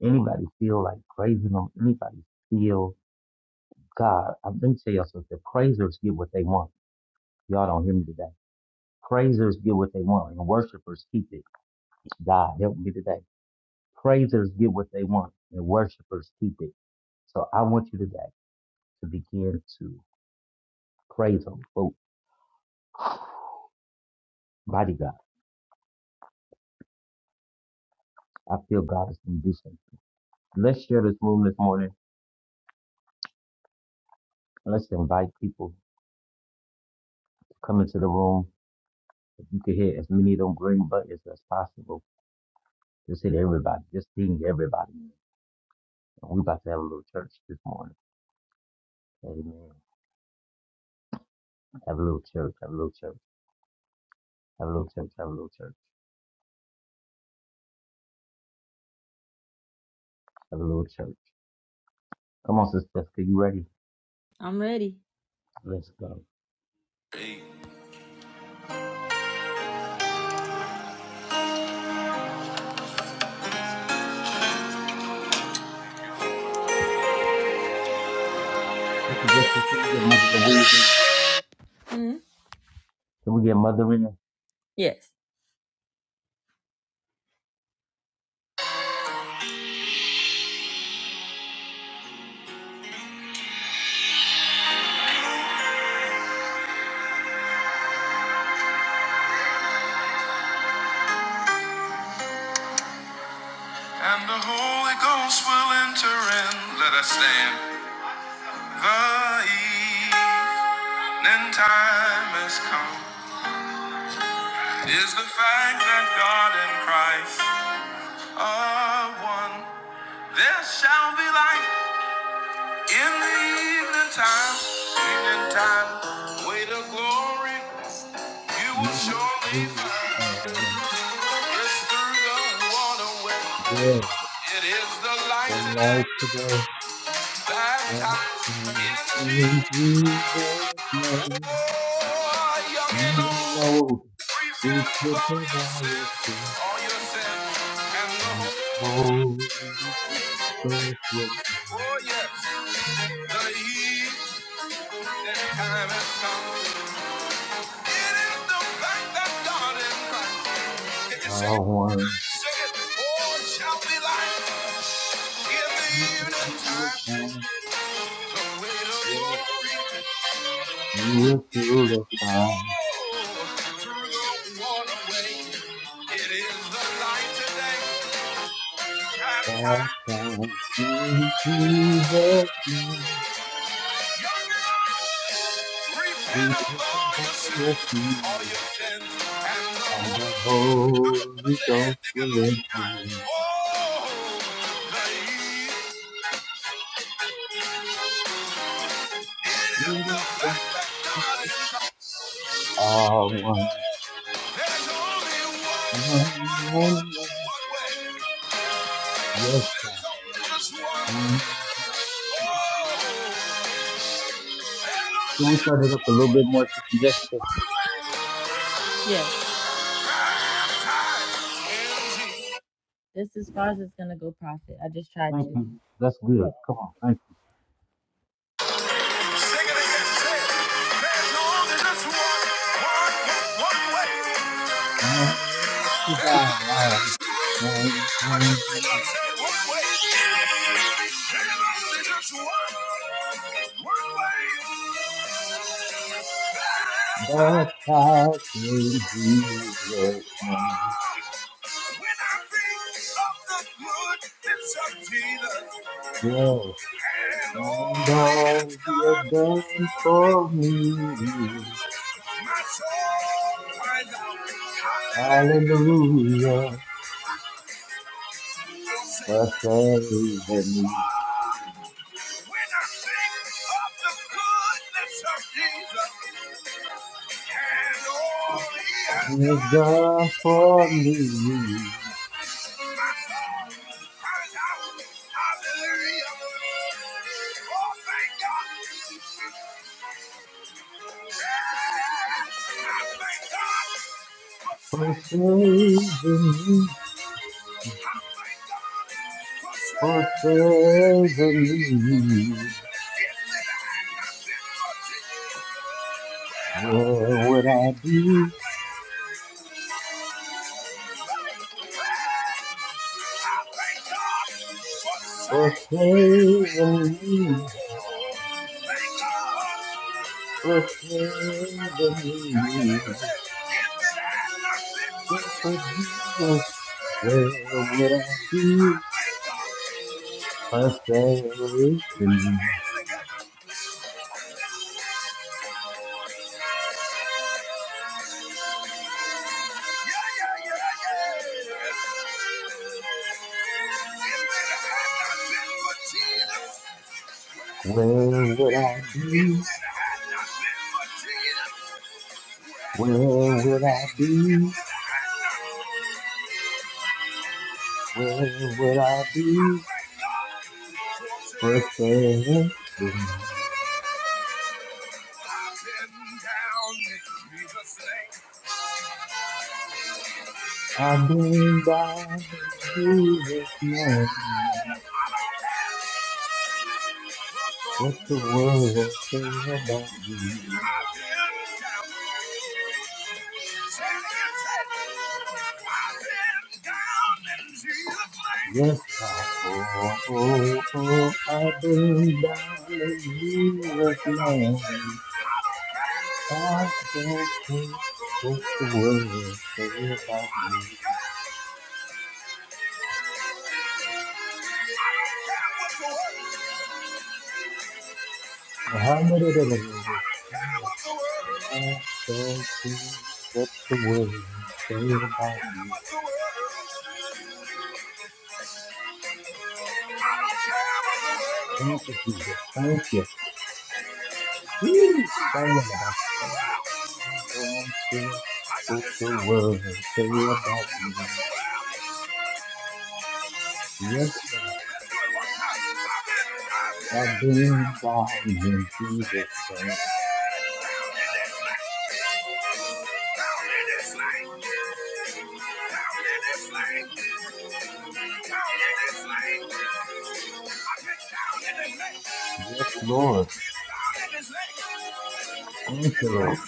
Speaker 1: If Anybody feel like praising them? Anybody feel God? I'm going to tell y'all something. Praisers get what they want. Y'all don't hear me today. Praisers get what they want and worshipers keep it. God help me today. Praisers get what they want and worshipers keep it. So I want you today to begin to praise Him. Oh, mighty God, I feel God is going to do something. Let's share this room this morning. And let's invite people to come into the room. If you can hit as many of them green buttons as possible, just hit everybody. Just ping everybody. And we about to have a little church this morning. Amen. Have a little church. Have a little church. Have a little church. Have a little church. Have a little. Church. Come on, so you ready?
Speaker 4: I'm ready.
Speaker 1: Let's go.
Speaker 4: hmm Yes. And the Holy Ghost will enter in. Let us stand. The evening time has come. Is the fact that God and Christ are one. There shall be light. In the evening time, evening time, way to glory, you will
Speaker 1: You can
Speaker 4: surely find.
Speaker 1: crucify
Speaker 4: It's through the waterway,
Speaker 1: death
Speaker 4: it is the light
Speaker 1: and life
Speaker 4: today,
Speaker 1: today. I
Speaker 4: baptized
Speaker 1: can
Speaker 4: in
Speaker 1: In
Speaker 4: Jesus.
Speaker 1: Jesus' name,
Speaker 4: Oh, young and
Speaker 1: you
Speaker 4: old,
Speaker 1: know we
Speaker 4: repent of
Speaker 1: put
Speaker 4: all
Speaker 1: the
Speaker 4: your
Speaker 1: riot
Speaker 4: sins, all your sins, and the
Speaker 1: and the
Speaker 4: whole,
Speaker 1: bold. Cause what
Speaker 4: oh yes, the evening time has come. It is the fact that God in Christ. Can
Speaker 1: I
Speaker 4: you say,
Speaker 1: want.
Speaker 4: it? Oh, it shall be light in the
Speaker 1: You
Speaker 4: evening
Speaker 1: were
Speaker 4: The way to
Speaker 1: yeah.
Speaker 4: glory.
Speaker 1: were through the fire,
Speaker 4: Oh, through the waterway. It is the light today. Have
Speaker 1: that
Speaker 4: time.
Speaker 1: time. In Jesus' name,
Speaker 4: Repent
Speaker 1: we
Speaker 4: of
Speaker 1: took the
Speaker 4: all your
Speaker 1: highest
Speaker 4: sins, all
Speaker 1: feet,
Speaker 4: your sins, and the
Speaker 1: and
Speaker 4: whole
Speaker 1: the
Speaker 4: Put
Speaker 1: Holy
Speaker 4: your hand
Speaker 1: Ghost
Speaker 4: thick and
Speaker 1: will
Speaker 4: low. and high.
Speaker 1: enter in.
Speaker 4: Oh, baby. It is
Speaker 1: We
Speaker 4: the
Speaker 1: did just
Speaker 4: fact that God is love.
Speaker 1: all not one,
Speaker 4: There's only one,
Speaker 1: one,
Speaker 4: one,
Speaker 1: one, one.
Speaker 4: one, one way.
Speaker 1: Yes,
Speaker 4: There's
Speaker 1: God,
Speaker 4: only just one.
Speaker 1: one.
Speaker 4: Oh,
Speaker 1: Can we
Speaker 4: there's
Speaker 1: start it up a little bit more, Sister Jessica?
Speaker 4: only one way. Yes. This as far as it's gonna go, profit. I just tried
Speaker 1: Thank
Speaker 4: to.
Speaker 1: you. That's good.
Speaker 4: Look.
Speaker 1: Come on. thank thou
Speaker 4: When I
Speaker 1: once was Baptized in Jesus' name,
Speaker 4: think of the good, it's of Jesus.
Speaker 1: yes,
Speaker 4: And
Speaker 1: and
Speaker 4: only
Speaker 1: all He has done
Speaker 4: God
Speaker 1: for me,
Speaker 4: my soul cries out, hallelujah.
Speaker 1: hallelujah,
Speaker 4: I'll sing.
Speaker 1: for saving me.
Speaker 4: When I think of the goodness of Jesus, and all he has
Speaker 1: He has
Speaker 4: done
Speaker 1: done
Speaker 4: for
Speaker 1: for
Speaker 4: me.
Speaker 1: me,
Speaker 4: My soul cries out, hallelujah. Oh, thank God. Yeah, I thank God for
Speaker 1: for
Speaker 4: saving.
Speaker 1: saving me,
Speaker 4: I thank God for
Speaker 1: for
Speaker 4: saving me.
Speaker 1: saving
Speaker 4: If
Speaker 1: me.
Speaker 4: it had not been
Speaker 1: Where would I be? For saving me, for saving me. If for Jesus, where would I be? For saving me, where would I be? Where would I be? Where would I be? For saving me.
Speaker 4: for
Speaker 1: I've been down in Jesus' name. What the world will say about me. Yes, God. Oh, oh, oh, I've been down in Jesus' land. I don't care what the world says about me. Hallelujah. I don't care what the world says about me. Thank you, Jesus. Thank you. Please, Shalom. I don't care what the world say about me. Yes, God. I have been down in Jesus' name. Yes, Lord. Thank you, Lord.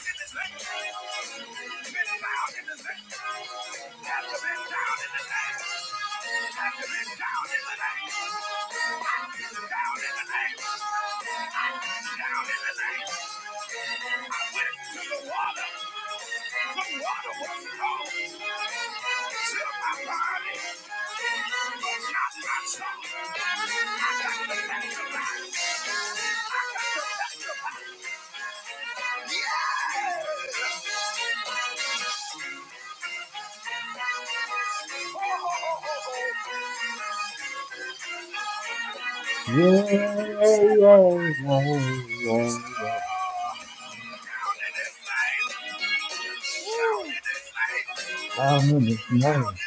Speaker 1: Yeah, yeah, yeah, yeah, yeah. Woo. Down in His name.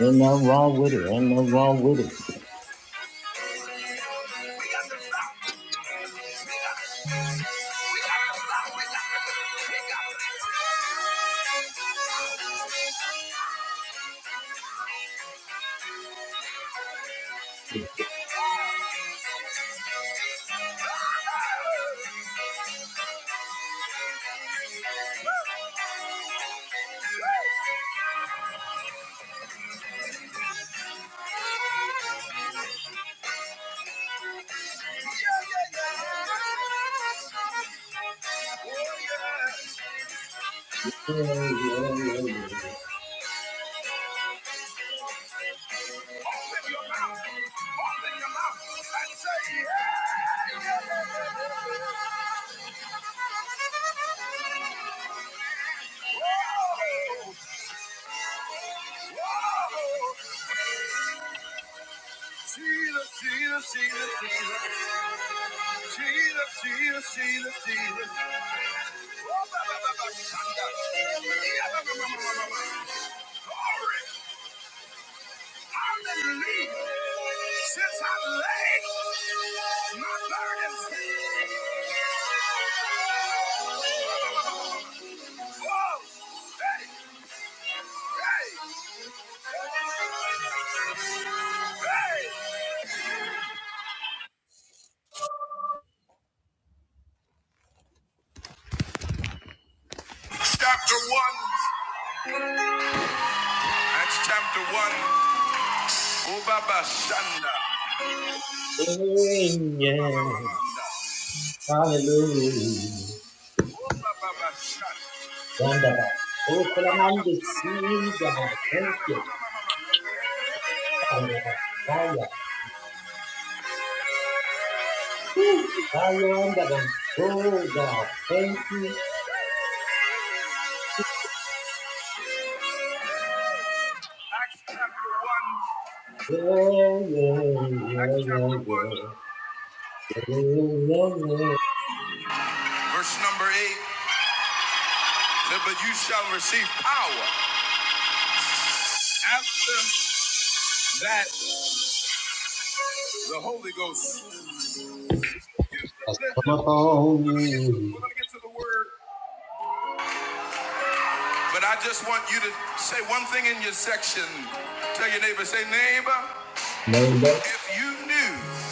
Speaker 1: Ain't nothing wrong with it. Ain't nothing wrong with it.
Speaker 4: Jesus, Jesus, Jesus, Jesus, Jesus, Jesus, Jesus, Jesus. Since I left chapter one, that's chapter one. Oh, Baba Shanda.
Speaker 1: Hey, yeah. Hallelujah.
Speaker 4: Oh, Baba Shanda.
Speaker 1: Yandaba. Oh, Telamandi, see God. Thank you. Yandaba. Fire. Woo. Fire, Yandaba. Oh, God. Thank you. Yeah, yeah, yeah, yeah, yeah. yeah, yeah. yeah.
Speaker 4: Verse number eight said, But you shall receive power. After that, the Holy Ghost. Listen,
Speaker 1: Has come upon
Speaker 4: we're
Speaker 1: you.
Speaker 4: gonna get to the word But I just want you to say one thing in your section. Tell your neighbor, say, neighbor,
Speaker 1: Neighbor.
Speaker 4: if you knew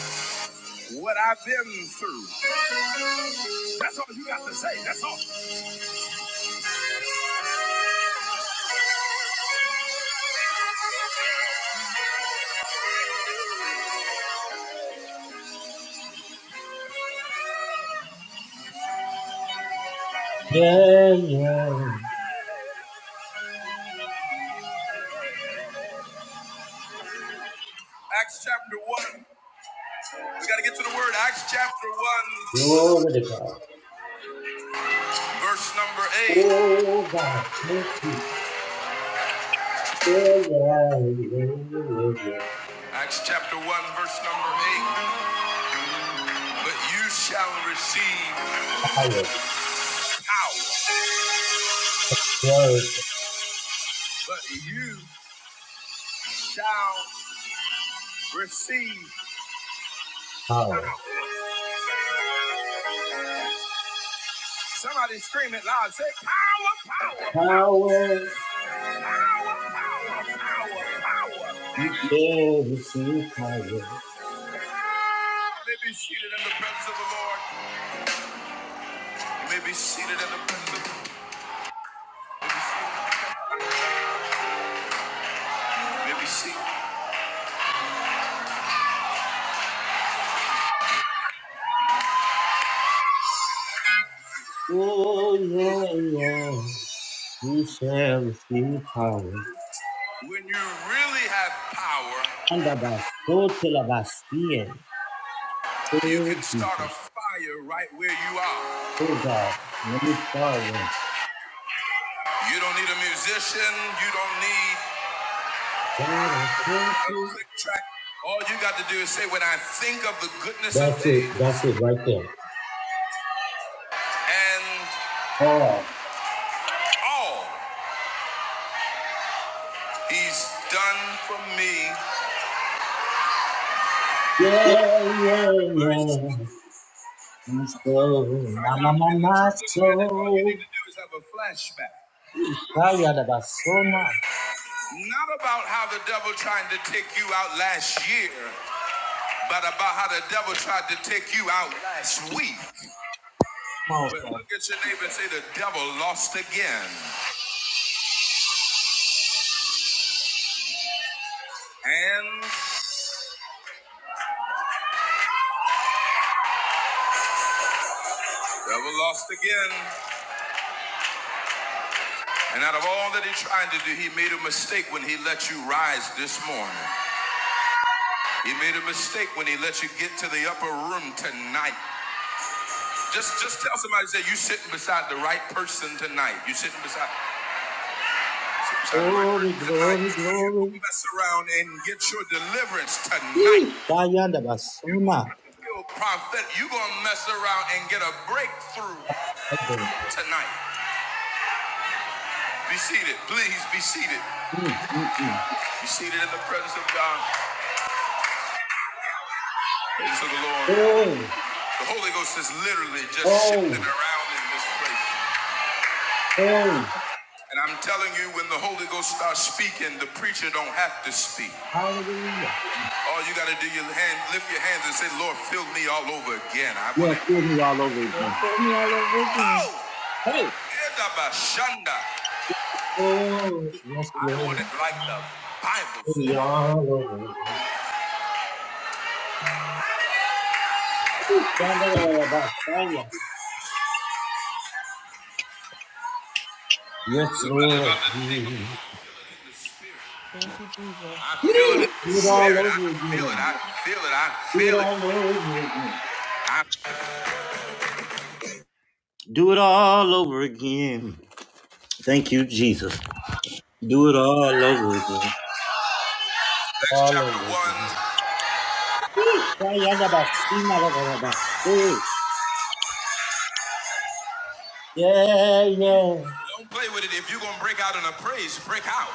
Speaker 4: what I've been through. That's all you got to say. That's all.
Speaker 1: Yeah, yeah.
Speaker 4: Acts chapter 1. We got to get to the word. Acts chapter
Speaker 1: Glory to God.
Speaker 4: 1, verse number
Speaker 1: Oh, God. Thank you. Oh, yeah, yeah, yeah, yeah, yeah.
Speaker 4: 8. Acts chapter 1, verse number 8. But you shall receive
Speaker 1: Power,
Speaker 4: power.
Speaker 1: word,
Speaker 4: But you shall receive.
Speaker 1: power.
Speaker 4: Somebody scream it loud. Say, you
Speaker 1: Power, you shall receive power.
Speaker 4: may be seated in the presence of the Lord. You may be seated in the presence of the Lord. Let me see.
Speaker 1: Oh, yeah, yeah. You shall receive power.
Speaker 4: When you really have power,
Speaker 1: And about so till about seeing.
Speaker 4: you
Speaker 1: Oh,
Speaker 4: can start a
Speaker 1: Jesus.
Speaker 4: fire right where you are.
Speaker 1: Oh, God. Let me start with.
Speaker 4: You don't need a musician, you don't need
Speaker 1: God, I thank
Speaker 4: a
Speaker 1: you.
Speaker 4: click track. All you got to do is say, When I think of the goodness of
Speaker 1: That's it.
Speaker 4: Jesus
Speaker 1: That's it right there.
Speaker 4: and
Speaker 1: Oh,
Speaker 4: all he's done for me, I
Speaker 1: Yeah, yeah, yeah. My soul, my,
Speaker 4: cried
Speaker 1: my,
Speaker 4: out in
Speaker 1: my,
Speaker 4: the
Speaker 1: my
Speaker 4: church little man, and all you
Speaker 1: soul.
Speaker 4: need to do is have a flashback.
Speaker 1: Ishayadabasona.
Speaker 4: Not about how the devil tried to take you out last year, but about how the devil tried to take you out last week. But
Speaker 1: Master.
Speaker 4: look at your neighbor and say, The devil lost again. And the devil lost again. And out of all that he tried to do, he made a mistake when he let you rise this morning. He made a mistake when he let you get to the upper room tonight. Just just tell somebody, say, you are sitting beside the right person tonight. you are sitting beside. Shout the right
Speaker 1: Glory,
Speaker 4: tonight.
Speaker 1: glory,
Speaker 4: You
Speaker 1: glory.
Speaker 4: mess around and get your deliverance tonight. You
Speaker 1: Ishayadabasona.
Speaker 4: gonna feel prophet. You gonna mess around and get a breakthrough
Speaker 1: Amen.
Speaker 4: tonight. Be seated, please. Be seated.
Speaker 1: Mm, mm, mm.
Speaker 4: Be seated in the presence of God. Praise to the Lord.
Speaker 1: Oh,
Speaker 4: The Holy Ghost is literally just shifting
Speaker 1: oh,
Speaker 4: around in this place.
Speaker 1: oh.
Speaker 4: And I'm telling you, when the Holy Ghost starts speaking, the preacher don't have to speak.
Speaker 1: Hallelujah.
Speaker 4: All you gotta do, your hand, lift your hands and say, "Lord, fill me all over again. I
Speaker 1: You
Speaker 4: want
Speaker 1: have
Speaker 4: to."
Speaker 1: killed me all over again.
Speaker 4: Fill me all over again. Oh!
Speaker 1: Hey. Oh, yes,
Speaker 4: I would
Speaker 1: Lord.
Speaker 4: it like the Bible
Speaker 1: Kill me
Speaker 4: said.
Speaker 1: all over again. Shandala Vasaya. Yes,
Speaker 4: Somebody's
Speaker 1: Lord.
Speaker 4: about to take a it Thank you, Jesus. I
Speaker 1: Do
Speaker 4: feel it in the
Speaker 1: it all
Speaker 4: spirit. I
Speaker 1: over
Speaker 4: feel it.
Speaker 1: again.
Speaker 4: I feel it. I
Speaker 1: Do it
Speaker 4: feel it.
Speaker 1: all over again.
Speaker 4: I,
Speaker 1: Do it all over again. Thank you, Jesus. Do it all over again.
Speaker 4: Acts
Speaker 1: All
Speaker 4: chapter
Speaker 1: over again.
Speaker 4: 1.
Speaker 1: Yee. Do it. Yeah, yeah.
Speaker 4: Don't play with it. If you're going to break out in a praise, break out.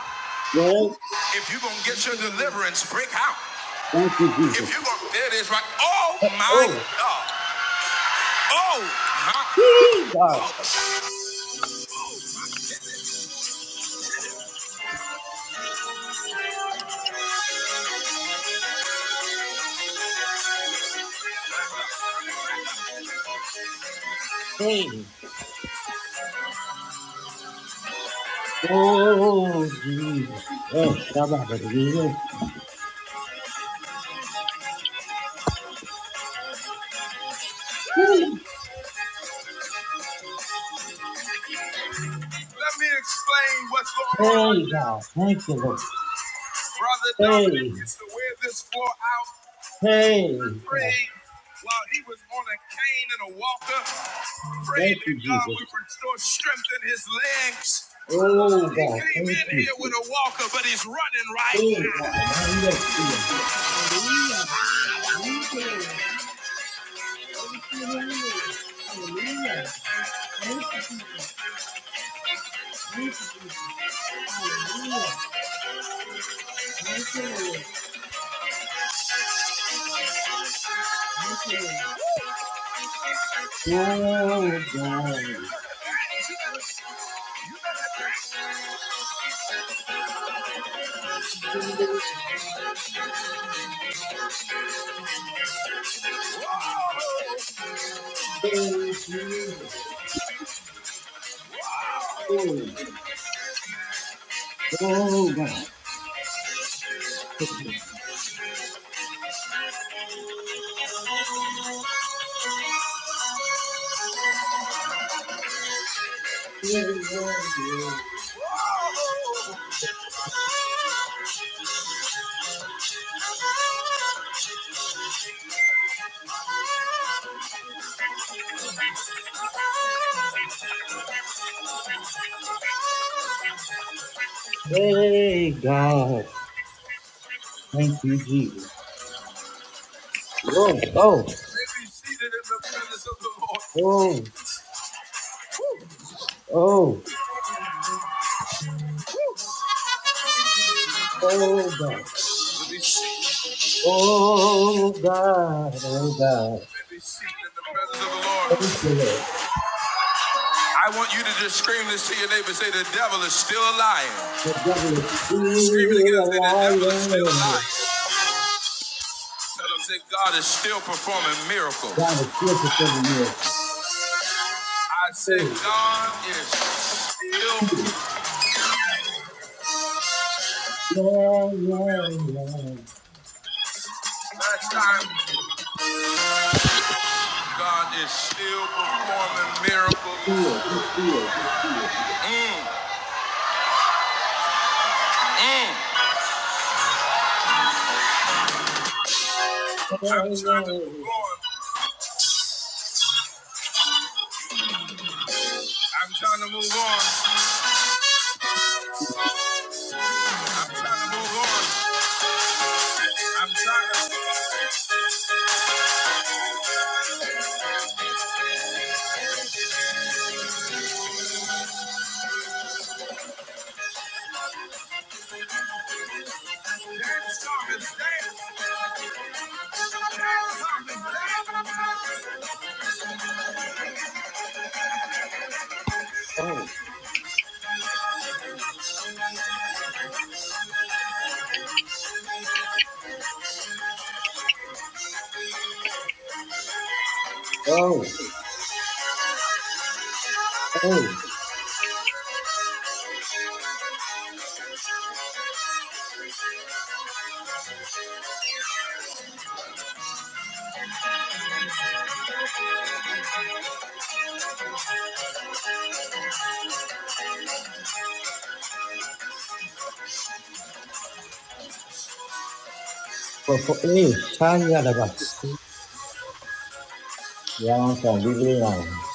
Speaker 1: Lord,
Speaker 4: If you're going to get your deliverance, break out.
Speaker 1: thank you,
Speaker 4: If
Speaker 1: Jesus.
Speaker 4: you're going to, there it is right. Oh my
Speaker 1: Oh,
Speaker 4: God. Oh my
Speaker 1: yee, God.
Speaker 4: God. Let
Speaker 1: Hey. Oh, Jesus. Yes, Shabbat. Yes.
Speaker 4: me explain what's going on right
Speaker 1: Hey,
Speaker 4: now.
Speaker 1: God. Thank you, Lord.
Speaker 4: Brother Dominic
Speaker 1: Hey,
Speaker 4: gets to wear this floor out
Speaker 1: hey, God.
Speaker 4: prayed while he was on a cane and a walker, prayed
Speaker 1: Thank
Speaker 4: that
Speaker 1: you,
Speaker 4: God would
Speaker 1: Jesus.
Speaker 4: restore strength in his legs.
Speaker 1: Oh,
Speaker 4: He
Speaker 1: God.
Speaker 4: came
Speaker 1: Thank
Speaker 4: in
Speaker 1: you.
Speaker 4: here with a walker, but he's running right
Speaker 1: Hey, God.
Speaker 4: now.
Speaker 1: I love you. Oh, God. Oh, Jesus. Oh, oh, God. Hey, God. Thank you, Jesus. Oh, oh,
Speaker 4: May be seated in the presence of the Lord.
Speaker 1: oh, oh, oh, God.
Speaker 4: May be seated,
Speaker 1: Oh, God. Oh, God.
Speaker 4: let me seated in the presence of the Lord.
Speaker 1: Thank you, Lord.
Speaker 4: I want you to just scream this to your neighbor. Say, the devil is still a liar.
Speaker 1: The devil is
Speaker 4: Scream it
Speaker 1: still
Speaker 4: again.
Speaker 1: a
Speaker 4: Say, the devil is still a
Speaker 1: liar.
Speaker 4: Tell him, say, God is still performing
Speaker 1: trying
Speaker 4: miracles.
Speaker 1: to steal for the miracle.
Speaker 4: I said,
Speaker 1: Hey,
Speaker 4: God is
Speaker 1: Peter.
Speaker 4: still.
Speaker 1: Yeah, yeah, yeah.
Speaker 4: Last time. God is still performing miracles.
Speaker 1: Fear, he fears, he fears.
Speaker 4: Mm, mm. I'm
Speaker 1: Yeah, yeah,
Speaker 4: trying to
Speaker 1: yeah.
Speaker 4: move
Speaker 1: yeah.
Speaker 4: on. I'm trying to move on. I'm trying to move on. I'm trying to.
Speaker 1: Oh, oh, oh. But for eh, tired of us. Y'all don't leave it alone.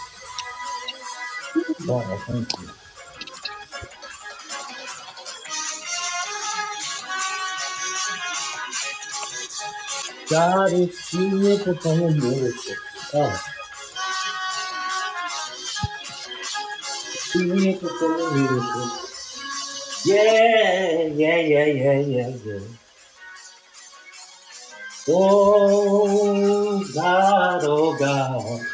Speaker 1: God, I thank you. God is fearful for the miracle. Oh, fearful for the miracle. Yeah, yeah, yeah, yeah, yeah, yeah. Oh God, oh God,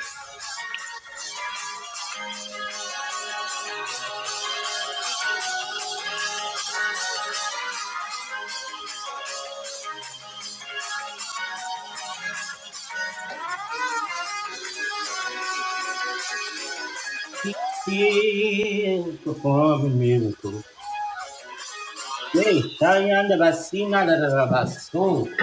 Speaker 1: He's still performing miracles. Hey, Shayanda Basina da da da Basu.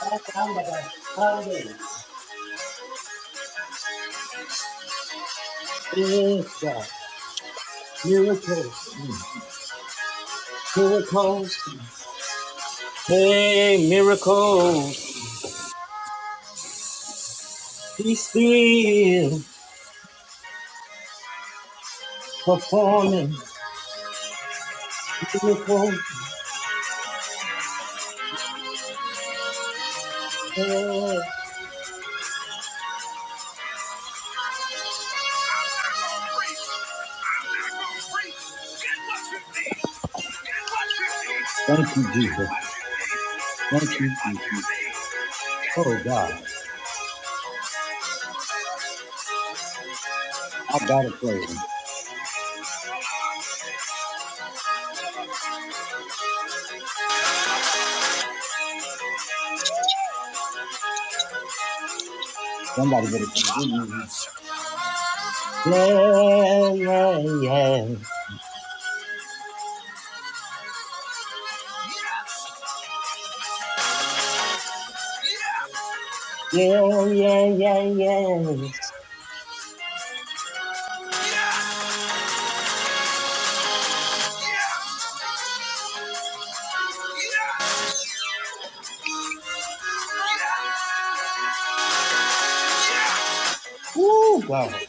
Speaker 1: Shayanda Basande. Is the miracle, miracles. Hey, miracles. He's still performing miracles. Yes. Thank you, Jesus. Thank you, Jesus. Oh God, I gotta praise Him. Somebody better. give me Yeah, yeah, yeah. Yeah, yeah, yeah, yes. Oh God.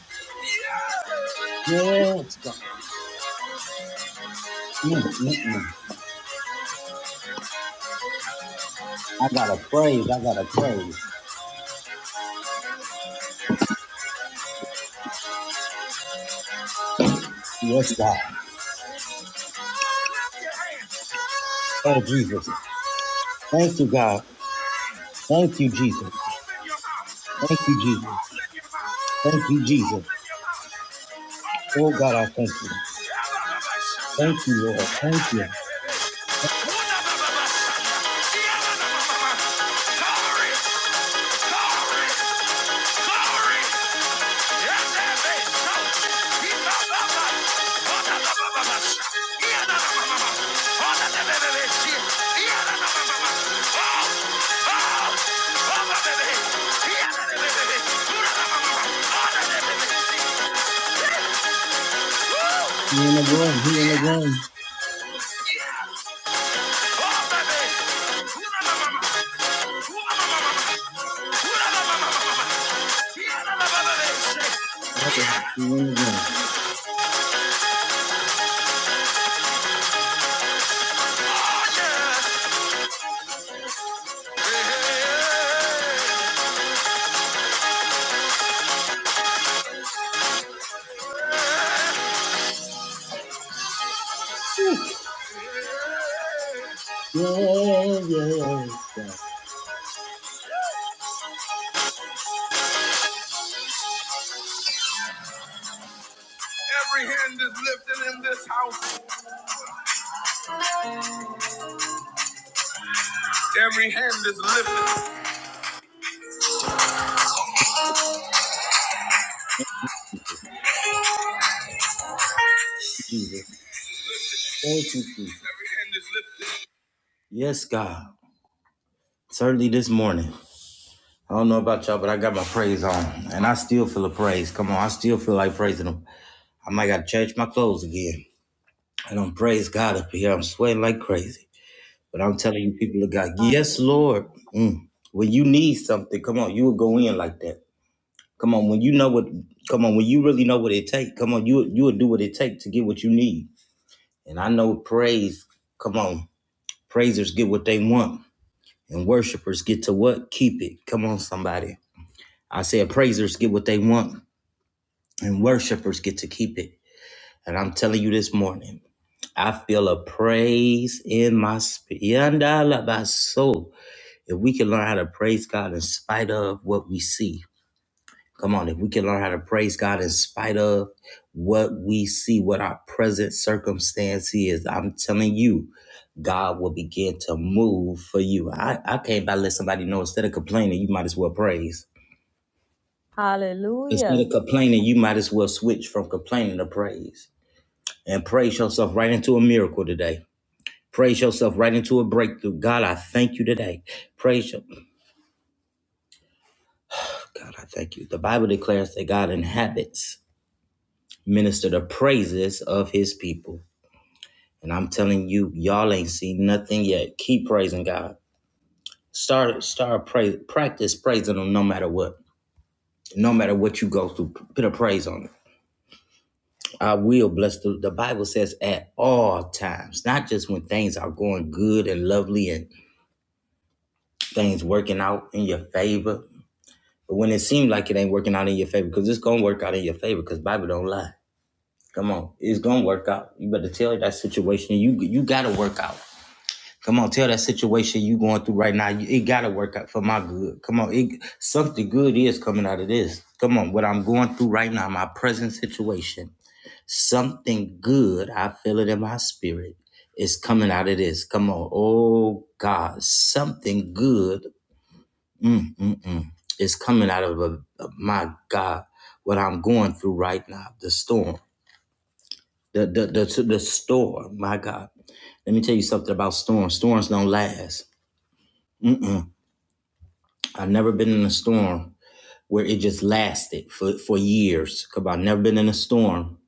Speaker 1: Yes, God. Mm, mm, mm. I got to praise. I got to praise. Yes, God. Oh, Jesus. Thank you, God. Thank you, Jesus. Thank you, Jesus. Thank you, Jesus. Oh, God, I thank you. Thank you, Lord. Thank you.
Speaker 4: Glory, glory, glory. Yeah.
Speaker 1: He in the room. He in the room. Oh, God. He in the room.
Speaker 4: Oh yeah. Hey, hey, hey.
Speaker 1: Woo. Yeah, yeah. God.
Speaker 4: Every hand is lifted in this house. Every hand is lifted.
Speaker 1: Jesus. Thank you, Jesus. Yes, God. Certainly this morning. I don't know about y'all, but I got my praise on, and I still feel a praise. Come on, I still feel like praising Him. I might gotta change my clothes again. I don't praise God up here. I'm sweating like crazy, but I'm telling you, people of God, yes, Lord. Mm. When you need something, come on, you will go in like that. Come on, when you know what, come on, when you really know what it take, come on, you you will do what it take to get what you need. And I know praise. Come on, praisers get what they want, and worshipers get to what keep it. Come on, somebody. I said praisers get what they want and worshipers get to keep it. And I'm telling you this morning, I feel a praise in my spirit. Yandala by soul. If we can learn how to praise God in spite of what we see, come on, if we can learn how to praise God in spite of what we see, what our present circumstance is, I'm telling you, God will begin to move for you. I, I can't about let somebody know instead of complaining, you might as well praise.
Speaker 4: Hallelujah.
Speaker 1: Instead of complaining, you might as well switch from complaining to praise. and praise yourself right into a miracle today. Praise yourself right into a breakthrough. God, I thank you today. Praise you. God, I thank you. The Bible declares that God inhabits, minister the praises of his people. And I'm telling you, y'all ain't seen nothing yet. Keep praising God. Start start praise practice praising him no matter what. No matter what you go through, put a praise on it. I will bless the the Bible says at all times, not just when things are going good and lovely and things working out in your favor But when it seems like it ain't working out in your favor, because it's gonna work out in your favor, because Bible don't lie. Come on, it's gonna work out. You better tell that situation you you gotta work out. Come on, tell that situation you going through right now. It gotta work out for my good. Come on, it, something good is coming out of this. Come on, what I'm going through right now, my present situation, something good. I feel it in my spirit is coming out of this. Come on. Oh God, something good mm, mm, mm. It's coming out of a, a- my God, what I'm going through right now, the storm, the the the, the storm. My God, let me tell you something about storms. Storms don't last. I've never been in a storm where it just lasted for for years. Cause I've never been in a storm.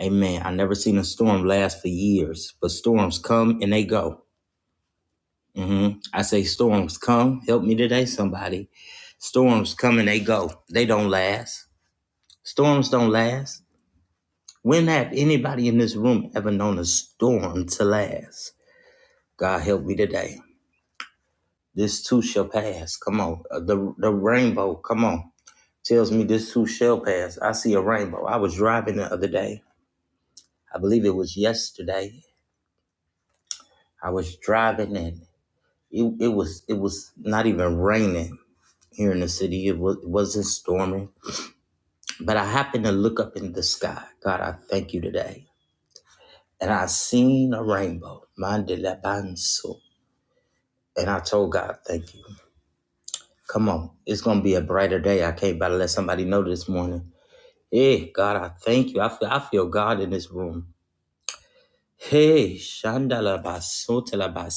Speaker 1: Amen. I never seen a storm last for years, but storms come and they go. hmm I say storms come. Help me today, somebody. Storms come and they go. They don't last. Storms don't last. When have anybody in this room ever known a storm to last? God help me today. This too shall pass. Come on. Uh, The, the rainbow, come on, tells me this too shall pass. I see a rainbow. I was driving the other day. I believe it was yesterday. I was driving and it, it was it was not even raining here in the city. It, was, it wasn't storming. But I happened to look up in the sky. God, I thank you today. And I seen a rainbow. Mandelabanso. And I told God, thank you. Come on. It's going to be a brighter day. I can't about to let somebody know this morning. Hey, God, I thank you. I feel, I feel God in this room. Hey, Shandala Basotela Bas.